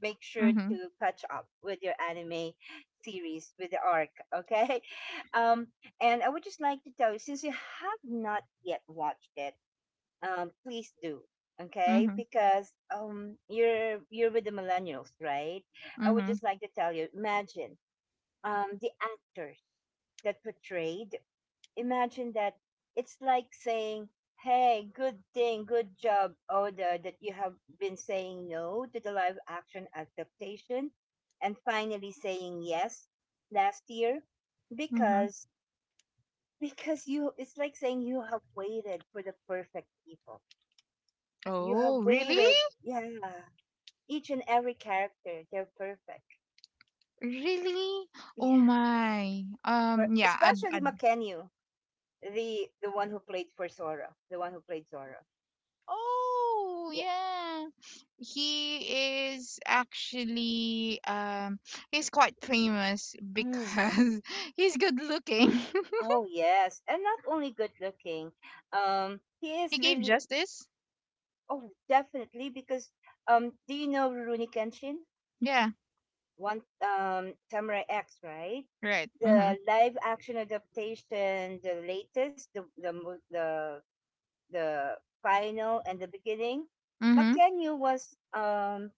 [SPEAKER 1] make sure to catch up with your anime series with the arc, okay. Um, and I would just like to tell you since you have not yet watched it, please do, okay,
[SPEAKER 2] Mm-hmm.
[SPEAKER 1] because you're with the millennials, right? I would
[SPEAKER 2] Mm-hmm.
[SPEAKER 1] just like to tell you, imagine the actors that portrayed, imagine that it's like saying, "Hey, good thing, good job, Oda, that you have been saying no to the live action adaptation and finally saying yes last year."
[SPEAKER 2] Mm-hmm.
[SPEAKER 1] Because because you, it's like saying you have waited for the perfect people. You have
[SPEAKER 2] Oh, really?
[SPEAKER 1] waited, yeah. Each and every character, they're perfect.
[SPEAKER 2] Really? Oh
[SPEAKER 1] Yeah.
[SPEAKER 2] my.
[SPEAKER 1] Per-
[SPEAKER 2] Yeah. I'd.
[SPEAKER 1] Especially Makenyu, the one who played for Sora, the one who played Sora.
[SPEAKER 2] Oh, yeah. He is actually he's quite famous
[SPEAKER 1] Yeah.
[SPEAKER 2] because he's good looking.
[SPEAKER 1] Oh yes, and not only good looking. He
[SPEAKER 2] He
[SPEAKER 1] is
[SPEAKER 2] gave
[SPEAKER 1] really
[SPEAKER 2] justice.
[SPEAKER 1] oh definitely because, do you know Rurouni Kenshin?
[SPEAKER 2] Yeah,
[SPEAKER 1] One, Samurai X, right?
[SPEAKER 2] right. Mhm.
[SPEAKER 1] The live action adaptation, the latest, the the final and the beginning.
[SPEAKER 2] Mhm.
[SPEAKER 1] Makenyu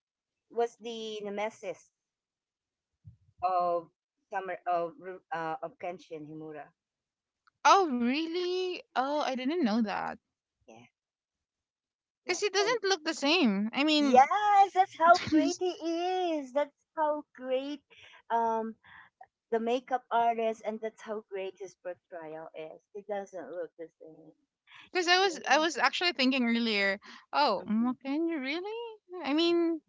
[SPEAKER 1] was the nemesis of of Kenshin Himura.
[SPEAKER 2] Oh, really? Oh, I didn't know that.
[SPEAKER 1] Yeah,
[SPEAKER 2] Cuz he
[SPEAKER 1] yes, and
[SPEAKER 2] doesn't look the same. I mean,
[SPEAKER 1] yes, that's how great he is. That's how great um the makeup artist, and that's how great his portrayal is. He doesn't look the same.
[SPEAKER 2] cuz I
[SPEAKER 1] Really?
[SPEAKER 2] was actually thinking earlier, oh,
[SPEAKER 1] Mm-hmm.
[SPEAKER 2] can you really? I
[SPEAKER 1] Yeah. Hmm.
[SPEAKER 2] mean,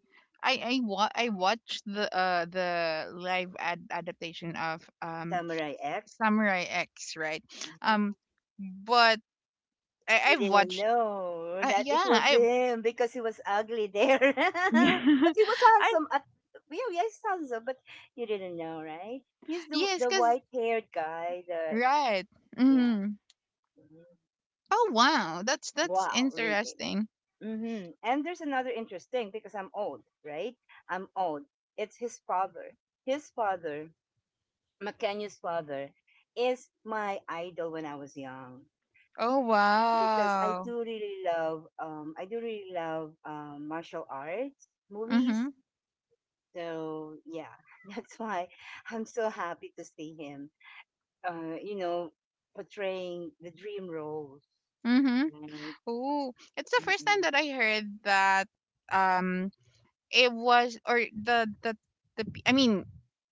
[SPEAKER 2] I watched the adaptation of
[SPEAKER 1] Samurai X.
[SPEAKER 2] Samurai X, right? Um,
[SPEAKER 1] Mhm.
[SPEAKER 2] but
[SPEAKER 1] You
[SPEAKER 2] I've
[SPEAKER 1] didn't
[SPEAKER 2] watched.
[SPEAKER 1] know that it
[SPEAKER 2] Yeah,
[SPEAKER 1] was
[SPEAKER 2] I
[SPEAKER 1] him because he was ugly there.
[SPEAKER 2] yeah,
[SPEAKER 1] But he was
[SPEAKER 2] I
[SPEAKER 1] handsome. At, yeah, yes, handsome. But you didn't know, right? He's the
[SPEAKER 2] yes, cause
[SPEAKER 1] white haired guy. The
[SPEAKER 2] right.
[SPEAKER 1] yeah.
[SPEAKER 2] Mm.
[SPEAKER 1] Mm-hmm.
[SPEAKER 2] Oh wow, that's
[SPEAKER 1] Wow, reading.
[SPEAKER 2] interesting.
[SPEAKER 1] Mm-hmm. And there's another interesting because I'm old, right? I'm old. It's his father. His father, McKenyu's father, is my idol when I was young
[SPEAKER 2] Oh
[SPEAKER 1] because
[SPEAKER 2] wow.
[SPEAKER 1] I do really love martial arts movies.
[SPEAKER 2] Mhm.
[SPEAKER 1] So yeah, that's why I'm so happy to see him. You know, portraying the dream roles,
[SPEAKER 2] Mhm.
[SPEAKER 1] right?
[SPEAKER 2] Oh, it's the first time
[SPEAKER 1] Mm-mm.
[SPEAKER 2] that I heard that. Um, it was or the. I mean,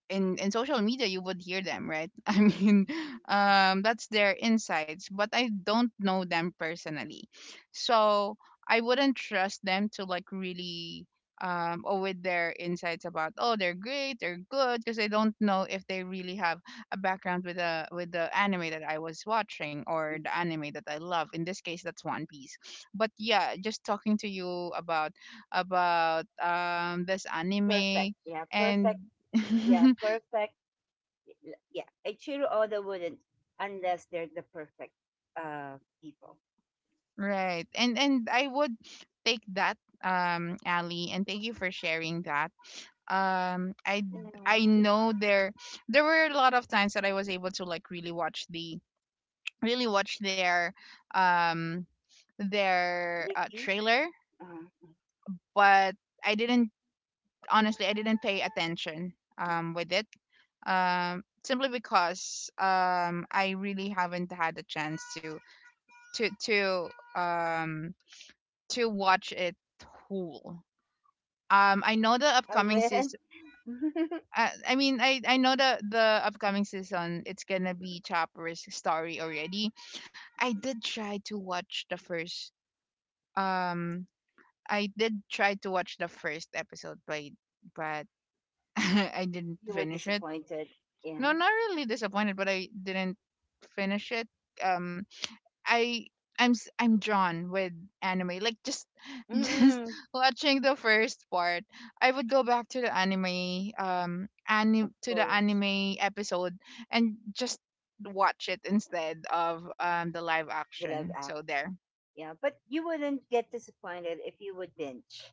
[SPEAKER 2] in social media you would hear them, right? I mean,
[SPEAKER 1] Mm-hmm.
[SPEAKER 2] that's their insights, but I don't know them personally, so I wouldn't trust them to like really or with their insights about, oh, they're great, they're good, because I don't know if they really have a background with the anime that I was watching or the anime that I love, in this case that's One Piece. But yeah, just talking to you about this
[SPEAKER 1] Perfect.
[SPEAKER 2] anime
[SPEAKER 1] Yeah,
[SPEAKER 2] and
[SPEAKER 1] perfect. Yeah, perfect. Yeah, I cheer all the wouldn't unless they're the perfect people.
[SPEAKER 2] right. And I would take that, Ali, and thank you for sharing that. Um I
[SPEAKER 1] Yeah.
[SPEAKER 2] I know there there were a lot of times that I was able to like really watch the really watch their um
[SPEAKER 1] Reviews.
[SPEAKER 2] trailer,
[SPEAKER 1] Uh,
[SPEAKER 2] but I didn't, honestly I didn't pay attention
[SPEAKER 1] mm, mm.
[SPEAKER 2] with it. Simply because I really haven't had a chance to to to um to watch it whole. um i know the
[SPEAKER 1] I
[SPEAKER 2] upcoming season
[SPEAKER 1] win.
[SPEAKER 2] I mean, I know the upcoming season it's gonna be Chopper's story already. i did try to watch the first um I did try to watch the first episode, but but I didn't
[SPEAKER 1] You were
[SPEAKER 2] finish it.
[SPEAKER 1] disappointed. Yeah.
[SPEAKER 2] No, not really disappointed, but I didn't finish it. um I I'm I'm drawn with anime. Like just just
[SPEAKER 1] Mm.
[SPEAKER 2] watching the first part, I would go back to the anime um
[SPEAKER 1] Of
[SPEAKER 2] anime to the
[SPEAKER 1] course,
[SPEAKER 2] anime episode and just watch it instead of the live
[SPEAKER 1] the love
[SPEAKER 2] action. So
[SPEAKER 1] act.
[SPEAKER 2] there.
[SPEAKER 1] Yeah, but you wouldn't get disappointed if you would binge.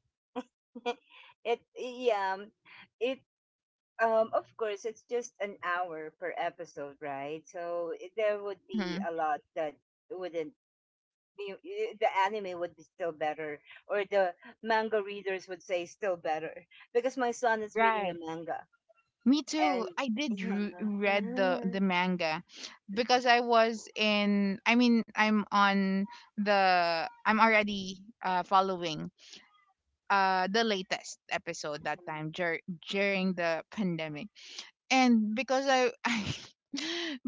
[SPEAKER 1] It, yeah, it. Of course, it's just an hour per episode, right? So I- there would be
[SPEAKER 2] Mhm.
[SPEAKER 1] a lot that wouldn't. The anime would be still better, or the manga readers would say still better, because my son is reading
[SPEAKER 2] Right.
[SPEAKER 1] the manga,
[SPEAKER 2] Me too.
[SPEAKER 1] and yeah.
[SPEAKER 2] Read the manga because I was in I mean I'm on the I'm already following the latest episode that time during the pandemic. And because I I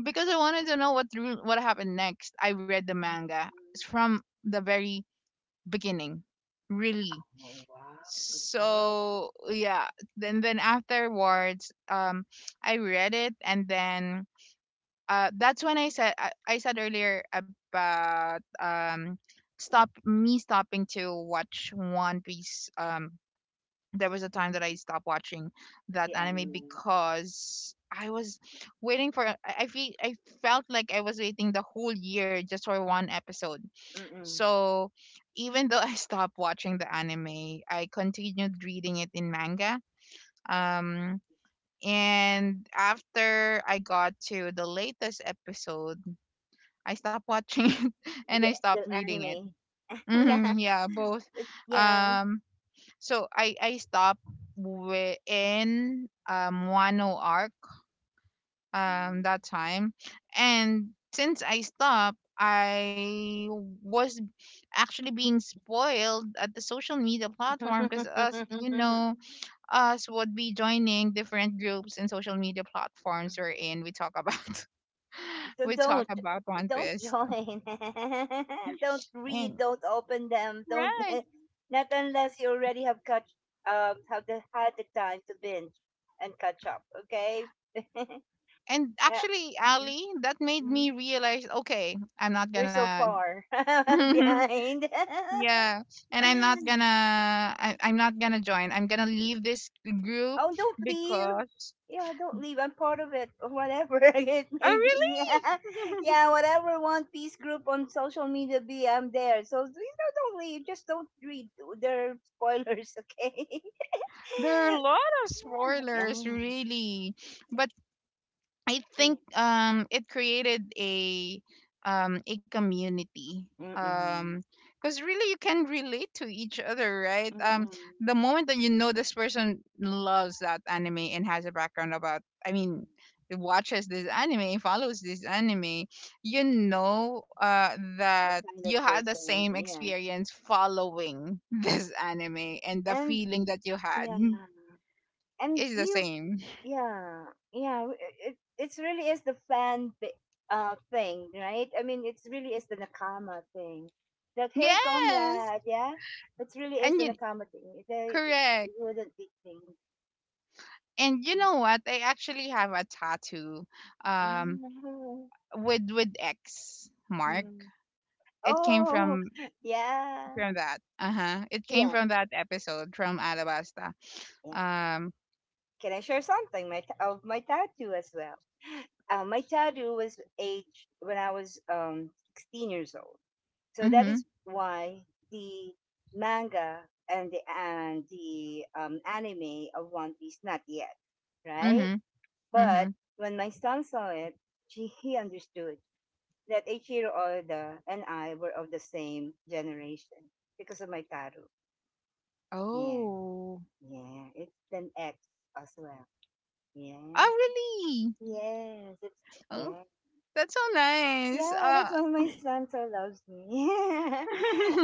[SPEAKER 2] because I wanted to know what happened next, I read the manga from the very beginning, really.
[SPEAKER 1] Oh wow, good job,
[SPEAKER 2] So yeah, then afterwards, I read it and then that's when I said I said earlier about stop me stopping to watch One Piece. There was a time that I stopped watching that
[SPEAKER 1] the
[SPEAKER 2] anime
[SPEAKER 1] anime.
[SPEAKER 2] because I was waiting for I feel I felt like I was waiting the whole year just for one episode.
[SPEAKER 1] Mm-mm.
[SPEAKER 2] So even though I stopped watching the anime, I continued reading it in manga. Um and after I got to the latest episode, I stopped watching it and
[SPEAKER 1] The
[SPEAKER 2] I stopped
[SPEAKER 1] the
[SPEAKER 2] reading it.
[SPEAKER 1] anime. Yeah,
[SPEAKER 2] Hmm, yeah, both.
[SPEAKER 1] yeah.
[SPEAKER 2] Um so I stopped in Wano arc
[SPEAKER 1] Mm.
[SPEAKER 2] that time, and since I stopped, I was actually being spoiled at the social media platform because us you know us would be joining different groups and social media platforms we're in. We talk about
[SPEAKER 1] So
[SPEAKER 2] we talk
[SPEAKER 1] don't
[SPEAKER 2] about One
[SPEAKER 1] don't
[SPEAKER 2] Piece
[SPEAKER 1] join. Don't read.
[SPEAKER 2] and
[SPEAKER 1] Don't open them. Don't
[SPEAKER 2] right.
[SPEAKER 1] not unless you already have catch have the, had the time to binge and catch up. Okay. Yeah.
[SPEAKER 2] And actually,
[SPEAKER 1] Mhm,
[SPEAKER 2] Ali, that made
[SPEAKER 1] mhm.
[SPEAKER 2] me realize, okay, I'm not
[SPEAKER 1] You're so
[SPEAKER 2] gonna
[SPEAKER 1] far behind.
[SPEAKER 2] yeah, and I'm not gonna I'm not gonna join. I'm gonna leave this group
[SPEAKER 1] Oh, don't leave.
[SPEAKER 2] because
[SPEAKER 1] Yeah, don't leave. I'm part of it, or whatever it
[SPEAKER 2] oh,
[SPEAKER 1] may be. Yeah,
[SPEAKER 2] really?
[SPEAKER 1] yeah, whatever One Piece group on social media be, I'm there. So please don't leave. Just don't read their spoilers, okay?
[SPEAKER 2] There are a lot of
[SPEAKER 1] Yeah.
[SPEAKER 2] spoilers, really. But I
[SPEAKER 1] Mm,
[SPEAKER 2] think it created a community
[SPEAKER 1] mm-mm.
[SPEAKER 2] um because really you can relate to each other, right?
[SPEAKER 1] Mm-mm.
[SPEAKER 2] The moment that you know this person loves that anime and has a background about, I mean, watches this anime, follows this anime, you know,
[SPEAKER 1] The
[SPEAKER 2] that
[SPEAKER 1] kind
[SPEAKER 2] you
[SPEAKER 1] of
[SPEAKER 2] had the
[SPEAKER 1] person,
[SPEAKER 2] same
[SPEAKER 1] yeah.
[SPEAKER 2] experience following this anime, and the
[SPEAKER 1] And
[SPEAKER 2] feeling that you had
[SPEAKER 1] yeah, and
[SPEAKER 2] is the
[SPEAKER 1] you
[SPEAKER 2] same.
[SPEAKER 1] yeah yeah w- it's really is the fan thing, right? I mean, it's really is the nakama thing, that hey,
[SPEAKER 2] Yes.
[SPEAKER 1] comrade, yeah, it really is
[SPEAKER 2] And
[SPEAKER 1] the
[SPEAKER 2] you
[SPEAKER 1] nakama thing, they it
[SPEAKER 2] correct.
[SPEAKER 1] wouldn't be thing.
[SPEAKER 2] And you know what? I actually have a tattoo um
[SPEAKER 1] Oh,
[SPEAKER 2] with X mark.
[SPEAKER 1] mm.
[SPEAKER 2] It came
[SPEAKER 1] Oh yeah,
[SPEAKER 2] from that. Uh-huh. It came
[SPEAKER 1] yeah,
[SPEAKER 2] from that episode from Alabasta.
[SPEAKER 1] yeah,
[SPEAKER 2] Um.
[SPEAKER 1] can I share something my t- of my tattoo as well. Uh, my tattoo was aged when I was 16 years old. So that
[SPEAKER 2] Mhm.
[SPEAKER 1] is why the manga and the anime of One Piece not yet, right?
[SPEAKER 2] Mhm.
[SPEAKER 1] But
[SPEAKER 2] Mhm.
[SPEAKER 1] when my son saw it, he understood that Eiichiro Oda and I were of the same generation because of my Taro. Yeah,
[SPEAKER 2] Oh.
[SPEAKER 1] yeah, it's an X as well. Yeah,
[SPEAKER 2] Oh really?
[SPEAKER 1] yes, it's
[SPEAKER 2] Oh,
[SPEAKER 1] yeah,
[SPEAKER 2] that's so nice.
[SPEAKER 1] yeah. That's why my son so loves me.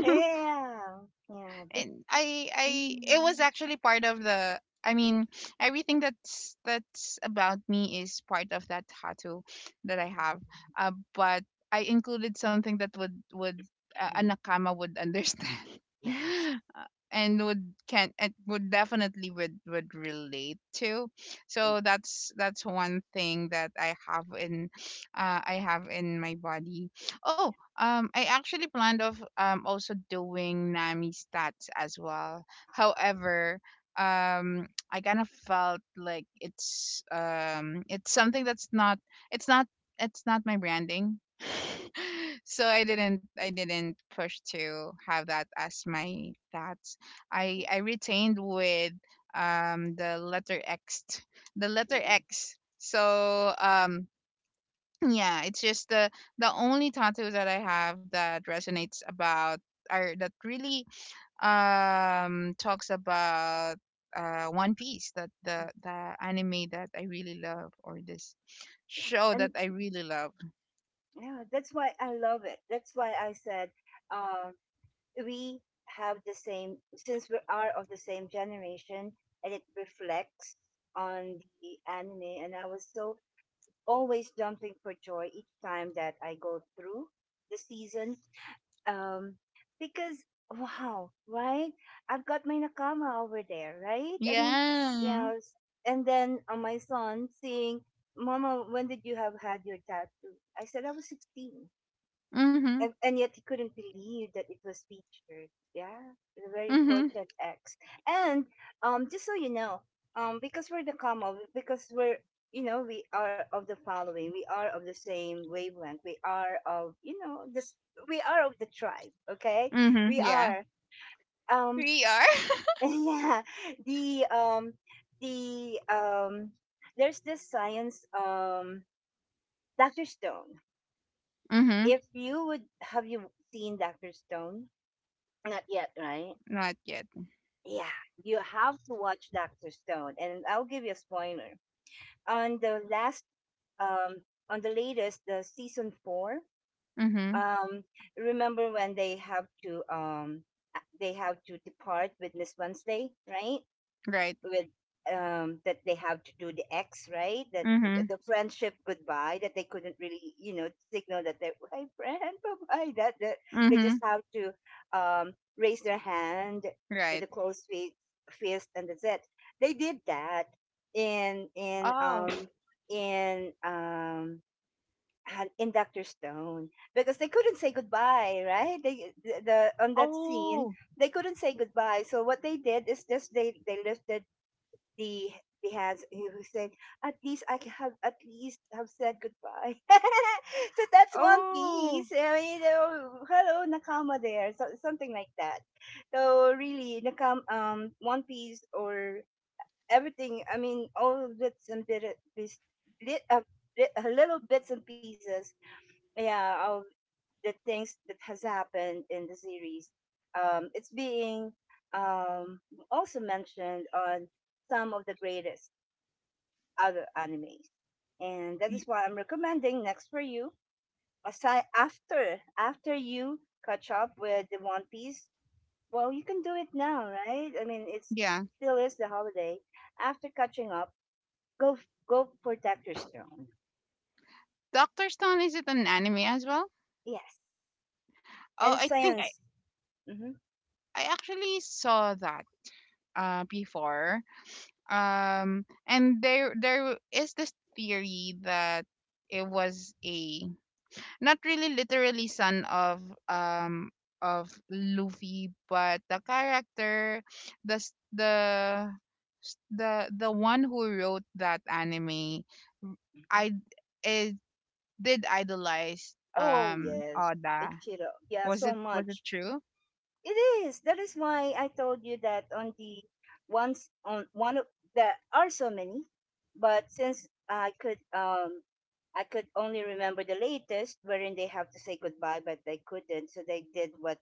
[SPEAKER 1] Yeah, yeah, yeah. Big.
[SPEAKER 2] and I it was
[SPEAKER 1] mm.
[SPEAKER 2] actually part of the, I mean, everything that's about me is part of that tattoo that I have. But I included something that would a nakama would understand.
[SPEAKER 1] Yes,
[SPEAKER 2] And would can and would definitely would relate to.
[SPEAKER 1] yes,
[SPEAKER 2] So that's one thing that I have in I have in my body. Oh.
[SPEAKER 1] yes.
[SPEAKER 2] I actually planned of also doing Nami stats as well. However, I kind of felt like it's something that's not it's not it's not my branding,
[SPEAKER 1] Mm,
[SPEAKER 2] so I didn't, I didn't push to have that as my stats.
[SPEAKER 1] mm,
[SPEAKER 2] I retained with um the letter X, the letter X. So yeah, it's just the only tattoo that I have that resonates about or that really talks about One Piece, that
[SPEAKER 1] mm, mm, mm, mm.
[SPEAKER 2] the anime that I really love, or this show
[SPEAKER 1] And
[SPEAKER 2] that I really love.
[SPEAKER 1] yeah, that's why I love it. That's why I said uh, we have the same, since we are of the same generation, and it reflects on the anime. And I was so always jumping for joy each time that I go through the season um because wow, right, I've got my nakama over there, right? I mean,
[SPEAKER 2] Yeah.
[SPEAKER 1] yeah and then my son saying, "Mama, when did you have had your tattoo?" I said, "I was 16."
[SPEAKER 2] Mhm.
[SPEAKER 1] And yet he couldn't believe that it was featured. Yeah, it's a very
[SPEAKER 2] Mhm.
[SPEAKER 1] important X. And just so you know, because we're you know, we are of the following, we are of the same wavelength, we are of, you know, this, we are of the tribe. Okay,
[SPEAKER 2] Mhm.
[SPEAKER 1] we
[SPEAKER 2] Yeah.
[SPEAKER 1] are. Um,
[SPEAKER 2] We are.
[SPEAKER 1] yeah, the um, the there's this science, Doctor Stone.
[SPEAKER 2] Mhm.
[SPEAKER 1] If you would have you seen Doctor Stone? Not yet, right?
[SPEAKER 2] Not yet.
[SPEAKER 1] Yeah, you have to watch Doctor Stone, and I'll give you a spoiler. On the last, um, on the latest, the season four.
[SPEAKER 2] Mhm.
[SPEAKER 1] Um, remember when they have to depart with Miss Wednesday, right?
[SPEAKER 2] Right.
[SPEAKER 1] With that they have to do the X, right? That
[SPEAKER 2] Mhm.
[SPEAKER 1] the friendship goodbye that they couldn't really, you know, signal that they're hey friend, bye bye. That they just
[SPEAKER 2] Mhm.
[SPEAKER 1] have to raise their hand with a
[SPEAKER 2] Right.
[SPEAKER 1] closed fist, and that's it. They did that in in
[SPEAKER 2] Oh,
[SPEAKER 1] um in um in Doctor Stone because they couldn't say goodbye, right? The on that scene
[SPEAKER 2] oh,
[SPEAKER 1] they couldn't say goodbye. So what they did is just they lifted, they they have, he was saying at least I can have, at least have said goodbye. so that's One Piece.
[SPEAKER 2] oh.
[SPEAKER 1] I mean, oh, hello Nakama there, so, something like that. So really, Nakam One Piece or everything. I mean, all bits and bit, bits, bit, bit, little bits and pieces. Yeah, of the things that has happened in the series. It's being um also mentioned on some of the greatest other animes. And that is
[SPEAKER 2] Y-
[SPEAKER 1] why I'm recommending next for you. Aside after you catch up with the One Piece, well, you can do it now, right? I mean, it's
[SPEAKER 2] yeah.
[SPEAKER 1] still is the holiday. After catching up, go go for Doctor stone.
[SPEAKER 2] Doctor Stone, is it an anime as well?
[SPEAKER 1] Yes,
[SPEAKER 2] Oh,
[SPEAKER 1] and it's
[SPEAKER 2] I think
[SPEAKER 1] science. Hmm.
[SPEAKER 2] I actually saw that before. And there is this theory that it was a not really literally son of Luffy, but the character, the s- the the one who wrote that anime, I it did idolize
[SPEAKER 1] Oh yes,
[SPEAKER 2] Oda.
[SPEAKER 1] Ichiro. Yeah,
[SPEAKER 2] Was it,
[SPEAKER 1] so
[SPEAKER 2] was it
[SPEAKER 1] much.
[SPEAKER 2] true?
[SPEAKER 1] It is. That is why I told you that on the once on one of there are so many, but since I could only remember the latest wherein they have to say goodbye, but they couldn't, so they did what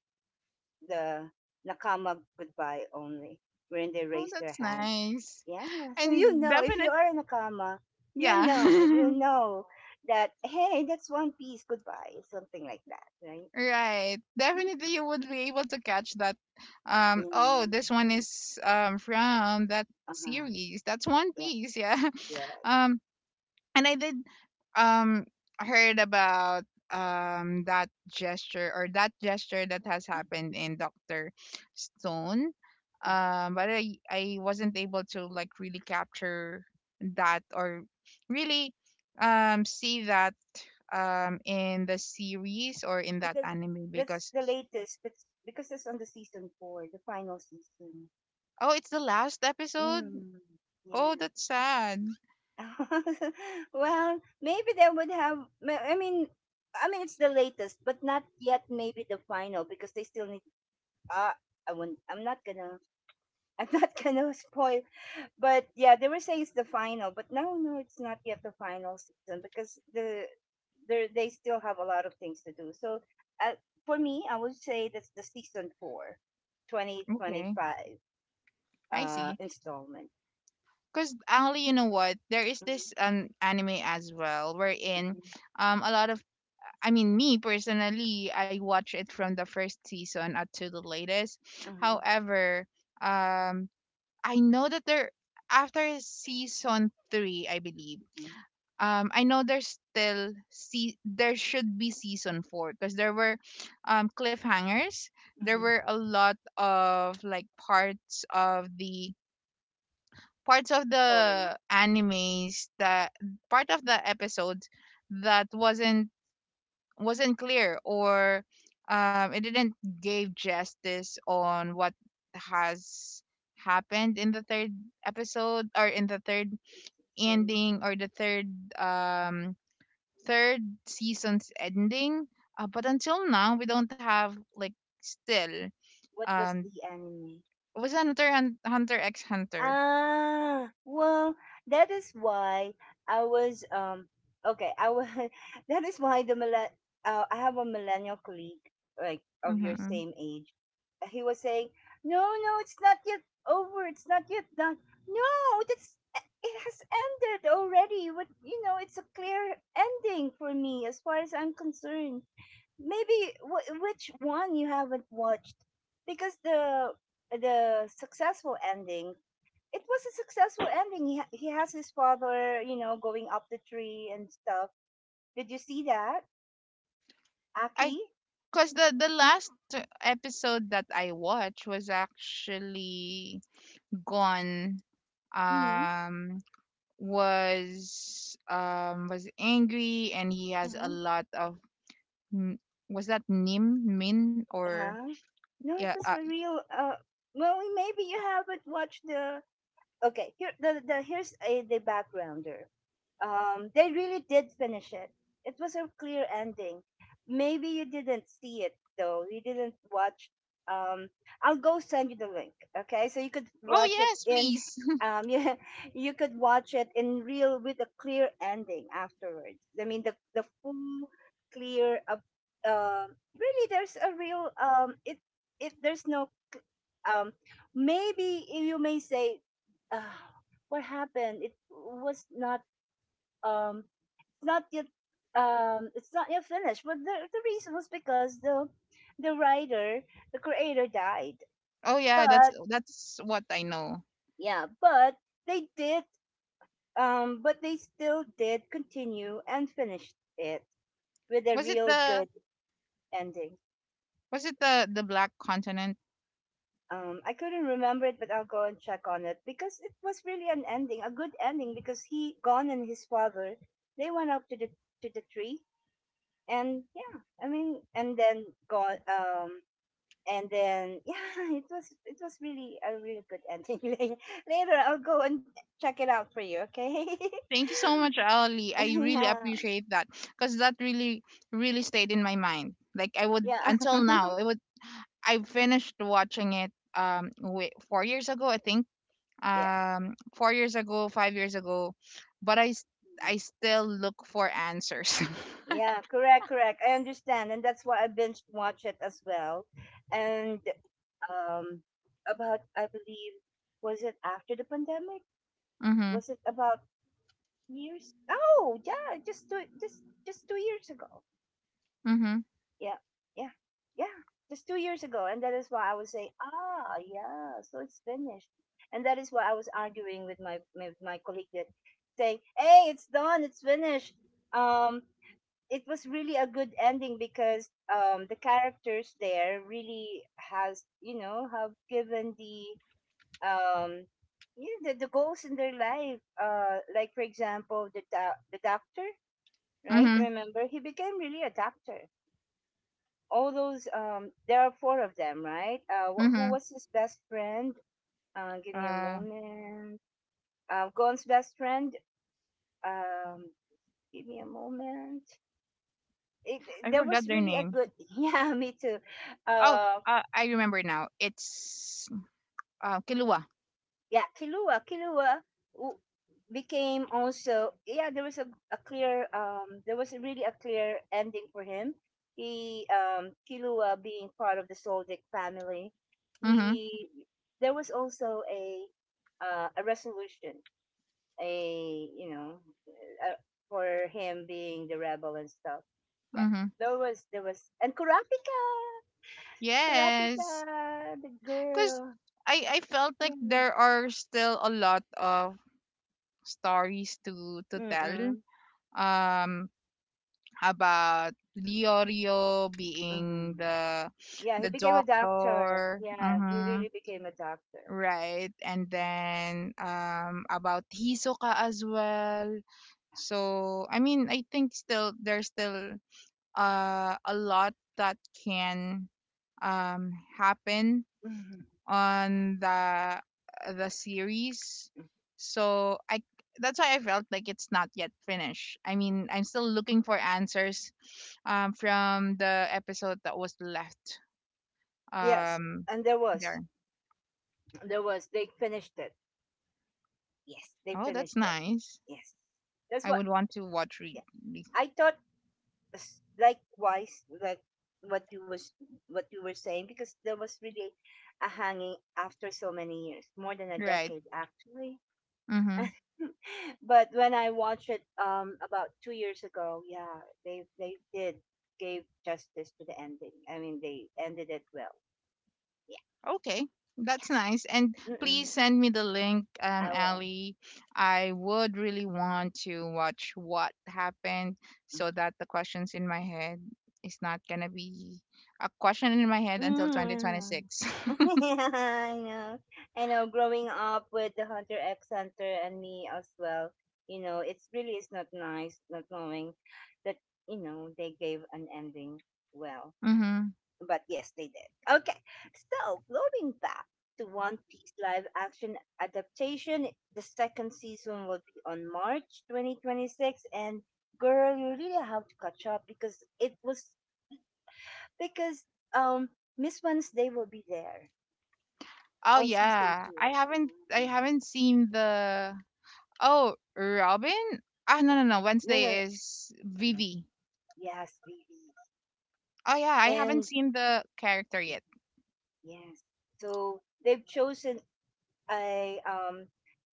[SPEAKER 1] the nakama goodbye only, wherein they
[SPEAKER 2] Oh,
[SPEAKER 1] raised their
[SPEAKER 2] that's
[SPEAKER 1] hand.
[SPEAKER 2] nice.
[SPEAKER 1] Yeah. So you
[SPEAKER 2] And
[SPEAKER 1] know, if
[SPEAKER 2] definite,
[SPEAKER 1] you are a nakama,
[SPEAKER 2] yeah.
[SPEAKER 1] you know that hey, that's One Piece goodbye, something like that, right?
[SPEAKER 2] Right. Definitely you would be able to catch that.
[SPEAKER 1] Yeah.
[SPEAKER 2] Oh, this one is from that
[SPEAKER 1] Uh huh.
[SPEAKER 2] series. That's One
[SPEAKER 1] Yeah.
[SPEAKER 2] Piece, yeah.
[SPEAKER 1] Yeah.
[SPEAKER 2] Um and I did um heard about that gesture that has
[SPEAKER 1] Mm-hmm.
[SPEAKER 2] happened in Doctor Stone. But I wasn't able to like really capture that or really see that in the series or in that
[SPEAKER 1] Because
[SPEAKER 2] anime
[SPEAKER 1] that's
[SPEAKER 2] because
[SPEAKER 1] the latest. That's because it's on the season four, the final season.
[SPEAKER 2] oh, it's the last episode.
[SPEAKER 1] Mm.
[SPEAKER 2] Oh,
[SPEAKER 1] Yeah.
[SPEAKER 2] that's sad.
[SPEAKER 1] well, maybe they would have. I mean it's the latest, but not yet. Maybe the final because they still need. Uh, I won't. I'm not gonna. I'm not gonna spoil. But yeah, they were saying it's the final, but no, no, it's not yet the final season because they still have a lot of things to do. So uh, for me, I would say that's the season four, twenty twenty
[SPEAKER 2] Okay,
[SPEAKER 1] five,
[SPEAKER 2] I see.
[SPEAKER 1] installment.
[SPEAKER 2] Because Ali, you know what? There is
[SPEAKER 1] Mm-hmm,
[SPEAKER 2] this anime as well wherein
[SPEAKER 1] mm-hmm,
[SPEAKER 2] a lot of, I mean, me personally, I watch it from the first season up to the latest. However, um I know that there after season three, I believe.
[SPEAKER 1] mm-hmm,
[SPEAKER 2] I know there's still, see, there should be season four because there were cliffhangers. There were
[SPEAKER 1] mm-hmm.
[SPEAKER 2] a lot of like parts of
[SPEAKER 1] Story.
[SPEAKER 2] the animes that part of the episodes that wasn't clear or, it didn't give justice on what has happened in the third episode or in the third
[SPEAKER 1] The season.
[SPEAKER 2] ending or the third um third season's ending. Uh, but until now we don't have like still
[SPEAKER 1] What was
[SPEAKER 2] um
[SPEAKER 1] the anime?
[SPEAKER 2] was Hunter and Hunter X Hunter.
[SPEAKER 1] Ah, well, that is why I was okay, I was that is why the millen I have a millennial colleague like of your
[SPEAKER 2] Mm-hmm.
[SPEAKER 1] same age. He was saying, "No, no, it's not yet over. It's not yet done. No, that's it has ended already. But you know, it's a clear ending for me as far as I'm concerned maybe which one you haven't watched, because the successful ending, it was a successful ending, he, he has his father, you know, going up the tree and stuff. Did you see that, Aki?
[SPEAKER 2] I because the last episode that I watched was actually gone.
[SPEAKER 1] Mm-hmm.
[SPEAKER 2] Um, was angry and he has a
[SPEAKER 1] Uh-huh.
[SPEAKER 2] lot of n- was that Nim Min or,
[SPEAKER 1] Uh-huh. No,
[SPEAKER 2] yeah?
[SPEAKER 1] it was a real well maybe you haven't watched the, okay, here the here's a the backgrounder. They really did finish it. It was a clear ending. Maybe you didn't see it though, you didn't watch. um I'll go send you the link, okay? So you could
[SPEAKER 2] Oh
[SPEAKER 1] watch it
[SPEAKER 2] yes,
[SPEAKER 1] in,
[SPEAKER 2] please.
[SPEAKER 1] um you, you could watch it in real with a clear ending afterwards. I mean the full clear, uh, really there's a real it there's no um, maybe you may say, uh, "What happened? It was not um, not yet it's not yet finished." But the reason was because the writer, the creator died.
[SPEAKER 2] Oh yeah,
[SPEAKER 1] But
[SPEAKER 2] that's what I know.
[SPEAKER 1] yeah, but they did, but they still did continue and finished it with a
[SPEAKER 2] Was it
[SPEAKER 1] real good
[SPEAKER 2] the,
[SPEAKER 1] ending.
[SPEAKER 2] was it the Black Continent?
[SPEAKER 1] I couldn't remember it, but I'll go and check on it because it was really an ending, a good ending. Because he, Gon, and his father, they went up to the, to the tree, and yeah, I mean, and then Gon, and then yeah, it was, it was really a really good ending. Later, I'll go and check it out for you. Okay?
[SPEAKER 2] Thank you so much, Ali. I really
[SPEAKER 1] yeah,
[SPEAKER 2] appreciate that because that really, really stayed in my mind. Like I would
[SPEAKER 1] yeah,
[SPEAKER 2] until now, it would. I finished watching it wait, 4 years ago, I think.
[SPEAKER 1] yeah.
[SPEAKER 2] 4 years ago, 5 years ago, but I still look for answers.
[SPEAKER 1] Yeah, correct, correct. I understand, and that's why I binge watch it as well. And um, about I believe, was it after the pandemic?
[SPEAKER 2] Mhm,
[SPEAKER 1] Was it about years? Oh yeah, just 2 years ago.
[SPEAKER 2] mhm,
[SPEAKER 1] Yeah, yeah, yeah, just 2 years ago, and that is why I was saying, ah, yeah, so it's finished, and that is why I was arguing with my colleague that saying, hey, it's done, it's finished. Um, it was really a good ending because the characters there really has, you know, have given the um yeah, the goals in their life like for example the the doctor, right?
[SPEAKER 2] mhm,
[SPEAKER 1] Remember, he became really a doctor, all those there are four of them, right? Who
[SPEAKER 2] mhm.
[SPEAKER 1] was his best friend? Give me a
[SPEAKER 2] Uh,
[SPEAKER 1] moment. Gon's best friend, um give me a moment. it,
[SPEAKER 2] I
[SPEAKER 1] there
[SPEAKER 2] forgot
[SPEAKER 1] was
[SPEAKER 2] their
[SPEAKER 1] really a
[SPEAKER 2] name.
[SPEAKER 1] good, yeah, me too.
[SPEAKER 2] Oh,
[SPEAKER 1] Um,
[SPEAKER 2] I remember now. It's Kilua.
[SPEAKER 1] yeah, Kilua, Kilua w- became also, yeah. There was a clear, there was really a clear ending for him. He Kilua being part of the Soldic family.
[SPEAKER 2] Mhm,
[SPEAKER 1] He there was also a, a resolution, a you know, uh, for him being the rebel and stuff. Yeah,
[SPEAKER 2] mhm.
[SPEAKER 1] there was, there was, and Kurapika,
[SPEAKER 2] Yes.
[SPEAKER 1] Kurapika, the
[SPEAKER 2] Because
[SPEAKER 1] girl.
[SPEAKER 2] I felt
[SPEAKER 1] Yeah.
[SPEAKER 2] like there are still a lot of stories to tell
[SPEAKER 1] Mm-mm.
[SPEAKER 2] um about Leorio being
[SPEAKER 1] Mm-mm. Yeah, he
[SPEAKER 2] the
[SPEAKER 1] became a doctor.
[SPEAKER 2] doctor.
[SPEAKER 1] Yeah, he
[SPEAKER 2] Mm-hmm.
[SPEAKER 1] really became a doctor.
[SPEAKER 2] Right. And then about Hisoka as well. So, I mean, I think still there's still a lot that can um happen
[SPEAKER 1] Mhm.
[SPEAKER 2] on the series. So I that's why I felt like it's not yet finished. I mean, I'm still looking for answers from the episode that was left
[SPEAKER 1] Yes,
[SPEAKER 2] um
[SPEAKER 1] and there was,
[SPEAKER 2] there.
[SPEAKER 1] there was. They finished it. Yes, they
[SPEAKER 2] Oh, that's
[SPEAKER 1] finished it.
[SPEAKER 2] nice.
[SPEAKER 1] Yes, that's
[SPEAKER 2] I
[SPEAKER 1] what.
[SPEAKER 2] would want to watch re-
[SPEAKER 1] Yeah,
[SPEAKER 2] re-
[SPEAKER 1] I thought likewise, like what you was what you were saying, because there was really a hanging after so many years, more than a
[SPEAKER 2] right.
[SPEAKER 1] decade actually.
[SPEAKER 2] Mhm.
[SPEAKER 1] but when I watched it about 2 years ago, yeah, they did gave justice to the ending. I mean, they ended it well. Yeah,
[SPEAKER 2] Okay, that's
[SPEAKER 1] yes.
[SPEAKER 2] nice. And
[SPEAKER 1] Mm-mm,
[SPEAKER 2] please send me the link,
[SPEAKER 1] I will.
[SPEAKER 2] Ali. I would really want to watch what happened so that the questions in my head is not gonna be a question in my head until
[SPEAKER 1] Mm-mm.
[SPEAKER 2] 2026.
[SPEAKER 1] I know. I know. Growing up with the Hunter X Hunter and me as well, you know, it's really is not nice not knowing that, you know, they gave an ending well.
[SPEAKER 2] Mm-hmm.
[SPEAKER 1] But yes, they did. Okay. So going back to One Piece live action adaptation, the second season will be on March 2026. And girl, you really have to catch up because it was because um Miss Wednesday will be there
[SPEAKER 2] Oh
[SPEAKER 1] on season
[SPEAKER 2] yeah,
[SPEAKER 1] two.
[SPEAKER 2] I haven't, I
[SPEAKER 1] Mm,
[SPEAKER 2] haven't seen the oh Robin. Ah no
[SPEAKER 1] yeah.
[SPEAKER 2] no no.
[SPEAKER 1] No, no, no.
[SPEAKER 2] Wednesday is
[SPEAKER 1] Yeah,
[SPEAKER 2] Vivi.
[SPEAKER 1] yes, really.
[SPEAKER 2] Oh yeah, I haven't
[SPEAKER 1] And
[SPEAKER 2] seen the character yet.
[SPEAKER 1] yes, so they've chosen, I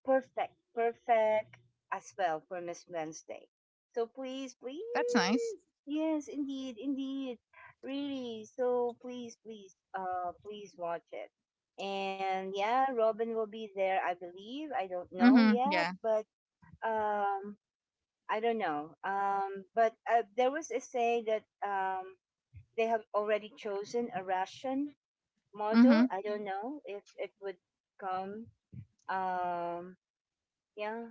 [SPEAKER 1] perfect, perfect as well for Miss Wednesday. So please, please,
[SPEAKER 2] That's nice.
[SPEAKER 1] yes, indeed, indeed, really. So please, please, please watch it. And yeah, Robin will be there, I believe. I don't know
[SPEAKER 2] Mm-hmm.
[SPEAKER 1] yet,
[SPEAKER 2] Yeah.
[SPEAKER 1] but um, I don't know. But there was a say that, they have already chosen a Russian model.
[SPEAKER 2] Mm-hmm.
[SPEAKER 1] I don't know if it would come. Um, yeah,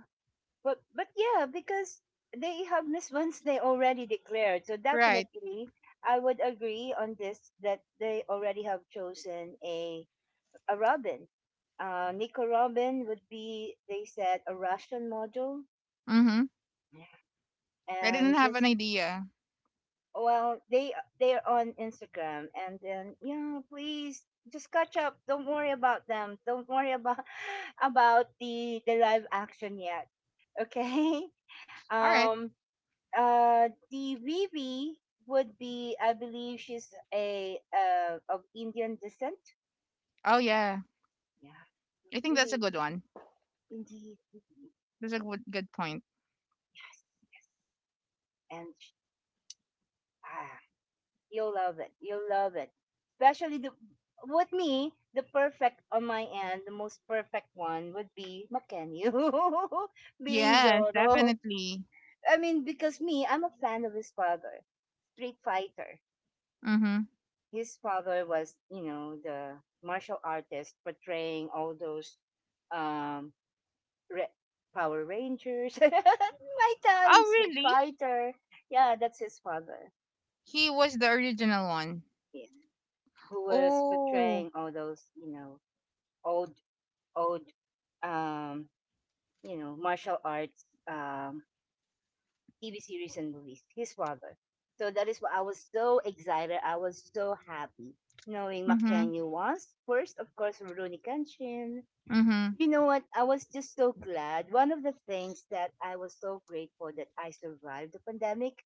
[SPEAKER 1] but yeah, because they have missed once they already declared. So
[SPEAKER 2] Right.
[SPEAKER 1] definitely, I would agree on this that they already have chosen a Robin. Nico Robin would be, they said, a Russian model,
[SPEAKER 2] Mm-hmm. I didn't
[SPEAKER 1] and
[SPEAKER 2] have an
[SPEAKER 1] this,
[SPEAKER 2] idea.
[SPEAKER 1] well, they're on Instagram, and then yeah, please just catch up. Don't worry about them. Don't worry about about the live action yet. Okay.
[SPEAKER 2] All right.
[SPEAKER 1] Um, the Vivi would be, I believe, she's a of Indian descent.
[SPEAKER 2] Oh yeah.
[SPEAKER 1] Yeah,
[SPEAKER 2] I think that's a
[SPEAKER 1] really,
[SPEAKER 2] good one.
[SPEAKER 1] indeed, Vivi,
[SPEAKER 2] That's a good good point.
[SPEAKER 1] yes. And sh- ah, you'll love it. You'll love it, especially the with me. The perfect on my end, the most perfect one would be Makenyu being
[SPEAKER 2] Yes,
[SPEAKER 1] Zoro.
[SPEAKER 2] definitely.
[SPEAKER 1] I mean, because me, I'm a fan of his father, Street Fighter.
[SPEAKER 2] Mm-hmm.
[SPEAKER 1] His father was, you know, the martial artist portraying all those, um, Re- Power Rangers, my time,
[SPEAKER 2] Oh
[SPEAKER 1] Street
[SPEAKER 2] really?
[SPEAKER 1] Fighter. Yeah, that's his father.
[SPEAKER 2] He was the original one.
[SPEAKER 1] Yeah, who was
[SPEAKER 2] Oh.
[SPEAKER 1] portraying all those, you know, old, old, um, you know, martial arts, TV series and movies. His father. So that is why I was so excited. I was so happy knowing
[SPEAKER 2] Mm-hmm.
[SPEAKER 1] Makenyu was first, of course, Rurouni Kenshin.
[SPEAKER 2] Mm-hmm.
[SPEAKER 1] You know what? I was just so glad. One of the things that I was so grateful that I survived the pandemic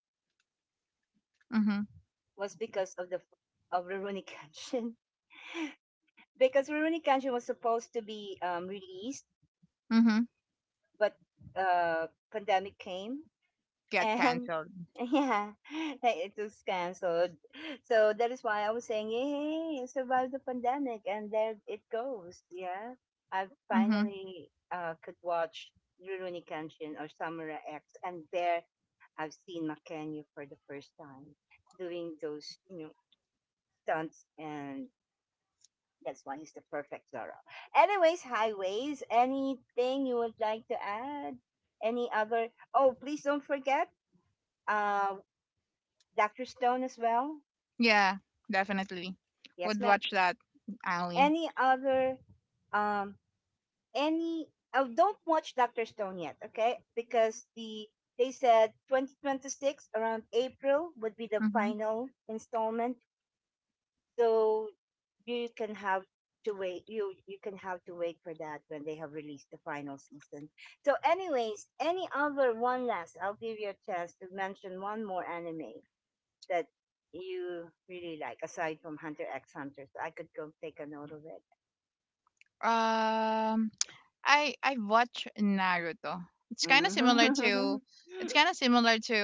[SPEAKER 2] Mm-hmm.
[SPEAKER 1] was because of the of Rurouni Kenshin. because Rurouni Kenshin was supposed to be, released,
[SPEAKER 2] Mm-hmm.
[SPEAKER 1] but pandemic came,
[SPEAKER 2] Get
[SPEAKER 1] and
[SPEAKER 2] cancelled.
[SPEAKER 1] yeah, it was canceled. So that is why I was saying, yay, I survived the pandemic, and there it goes. Yeah, I
[SPEAKER 2] Mm-hmm.
[SPEAKER 1] finally, could watch Rurouni Kenshin or Samurai X, and there I've seen Makenyu for the first time doing those, you know, stunts, and that's why he's the perfect Zorro. Anyways, highways, anything you would like to add? Any other, oh, please don't forget uh Dr. Stone as well.
[SPEAKER 2] Yeah, definitely.
[SPEAKER 1] Yes,
[SPEAKER 2] Would
[SPEAKER 1] ma'am.
[SPEAKER 2] watch that, Ali.
[SPEAKER 1] Any other um any, oh, don't watch Dr. Stone yet, okay? Because they said 2026 around April would be the
[SPEAKER 2] Mm-hmm.
[SPEAKER 1] final installment. So you can have to wait, you can have to wait for that when they have released the final season. So anyways, any other, one last, I'll give you a chance to mention one more anime that you really like aside from Hunter X Hunter, so I could go take a note of it.
[SPEAKER 2] Um I watch Naruto. It's kind of similar to,
[SPEAKER 1] Mhm.
[SPEAKER 2] it's kind of similar to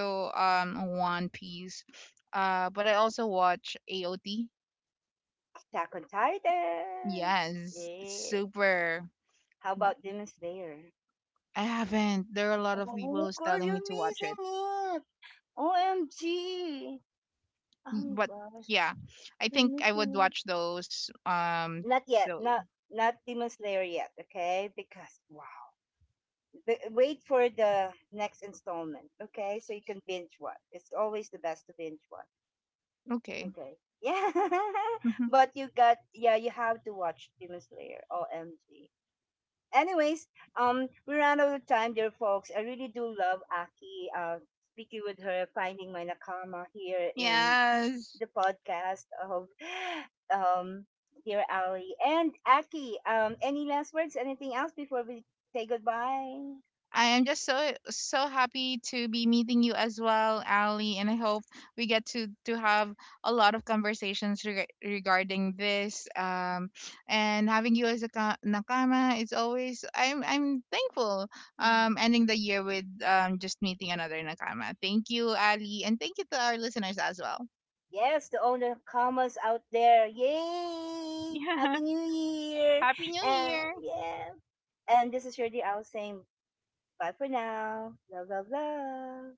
[SPEAKER 2] One Piece. But I also watch AOT.
[SPEAKER 1] attack on Titan.
[SPEAKER 2] Yes, it's
[SPEAKER 1] Yeah,
[SPEAKER 2] super.
[SPEAKER 1] how about Demon Slayer?
[SPEAKER 2] I haven't. There are a lot of people
[SPEAKER 1] Oh
[SPEAKER 2] who's
[SPEAKER 1] girl,
[SPEAKER 2] telling me
[SPEAKER 1] you're
[SPEAKER 2] to watch
[SPEAKER 1] missing
[SPEAKER 2] it,
[SPEAKER 1] it. OMG.
[SPEAKER 2] mm,
[SPEAKER 1] Oh
[SPEAKER 2] but
[SPEAKER 1] gosh.
[SPEAKER 2] yeah, I
[SPEAKER 1] You're
[SPEAKER 2] think I
[SPEAKER 1] missing
[SPEAKER 2] would
[SPEAKER 1] it.
[SPEAKER 2] watch those.
[SPEAKER 1] Not yet.
[SPEAKER 2] Those.
[SPEAKER 1] Not, not Demon Slayer yet. Okay, because wow. The, wait for the next installment. Okay, so you can binge one. It's always the best to binge one.
[SPEAKER 2] Okay.
[SPEAKER 1] Okay. Yeah, but you got, yeah. You have to watch Demon Slayer. OMG. Anyways, we ran out of time, dear folks. I really do love Aki. Speaking with her, finding my nakama here in
[SPEAKER 2] Yes.
[SPEAKER 1] the podcast of um dear Ali and Aki. Any last words? Anything else before we say goodbye?
[SPEAKER 2] I am just so so happy to be meeting you as well, Ali, and I hope we get to have a lot of conversations regarding this. And having you as a nakama is always I'm thankful.
[SPEAKER 1] Mm.
[SPEAKER 2] Ending the year with just meeting another nakama. Thank you, Ali, and thank you to our listeners as well.
[SPEAKER 1] Yes, to all the commas out there. Yay!
[SPEAKER 2] Yeah,
[SPEAKER 1] Happy New Year!
[SPEAKER 2] happy New
[SPEAKER 1] And
[SPEAKER 2] Year.
[SPEAKER 1] yeah, and this is your dear Al saying bye for now. Love, love, love.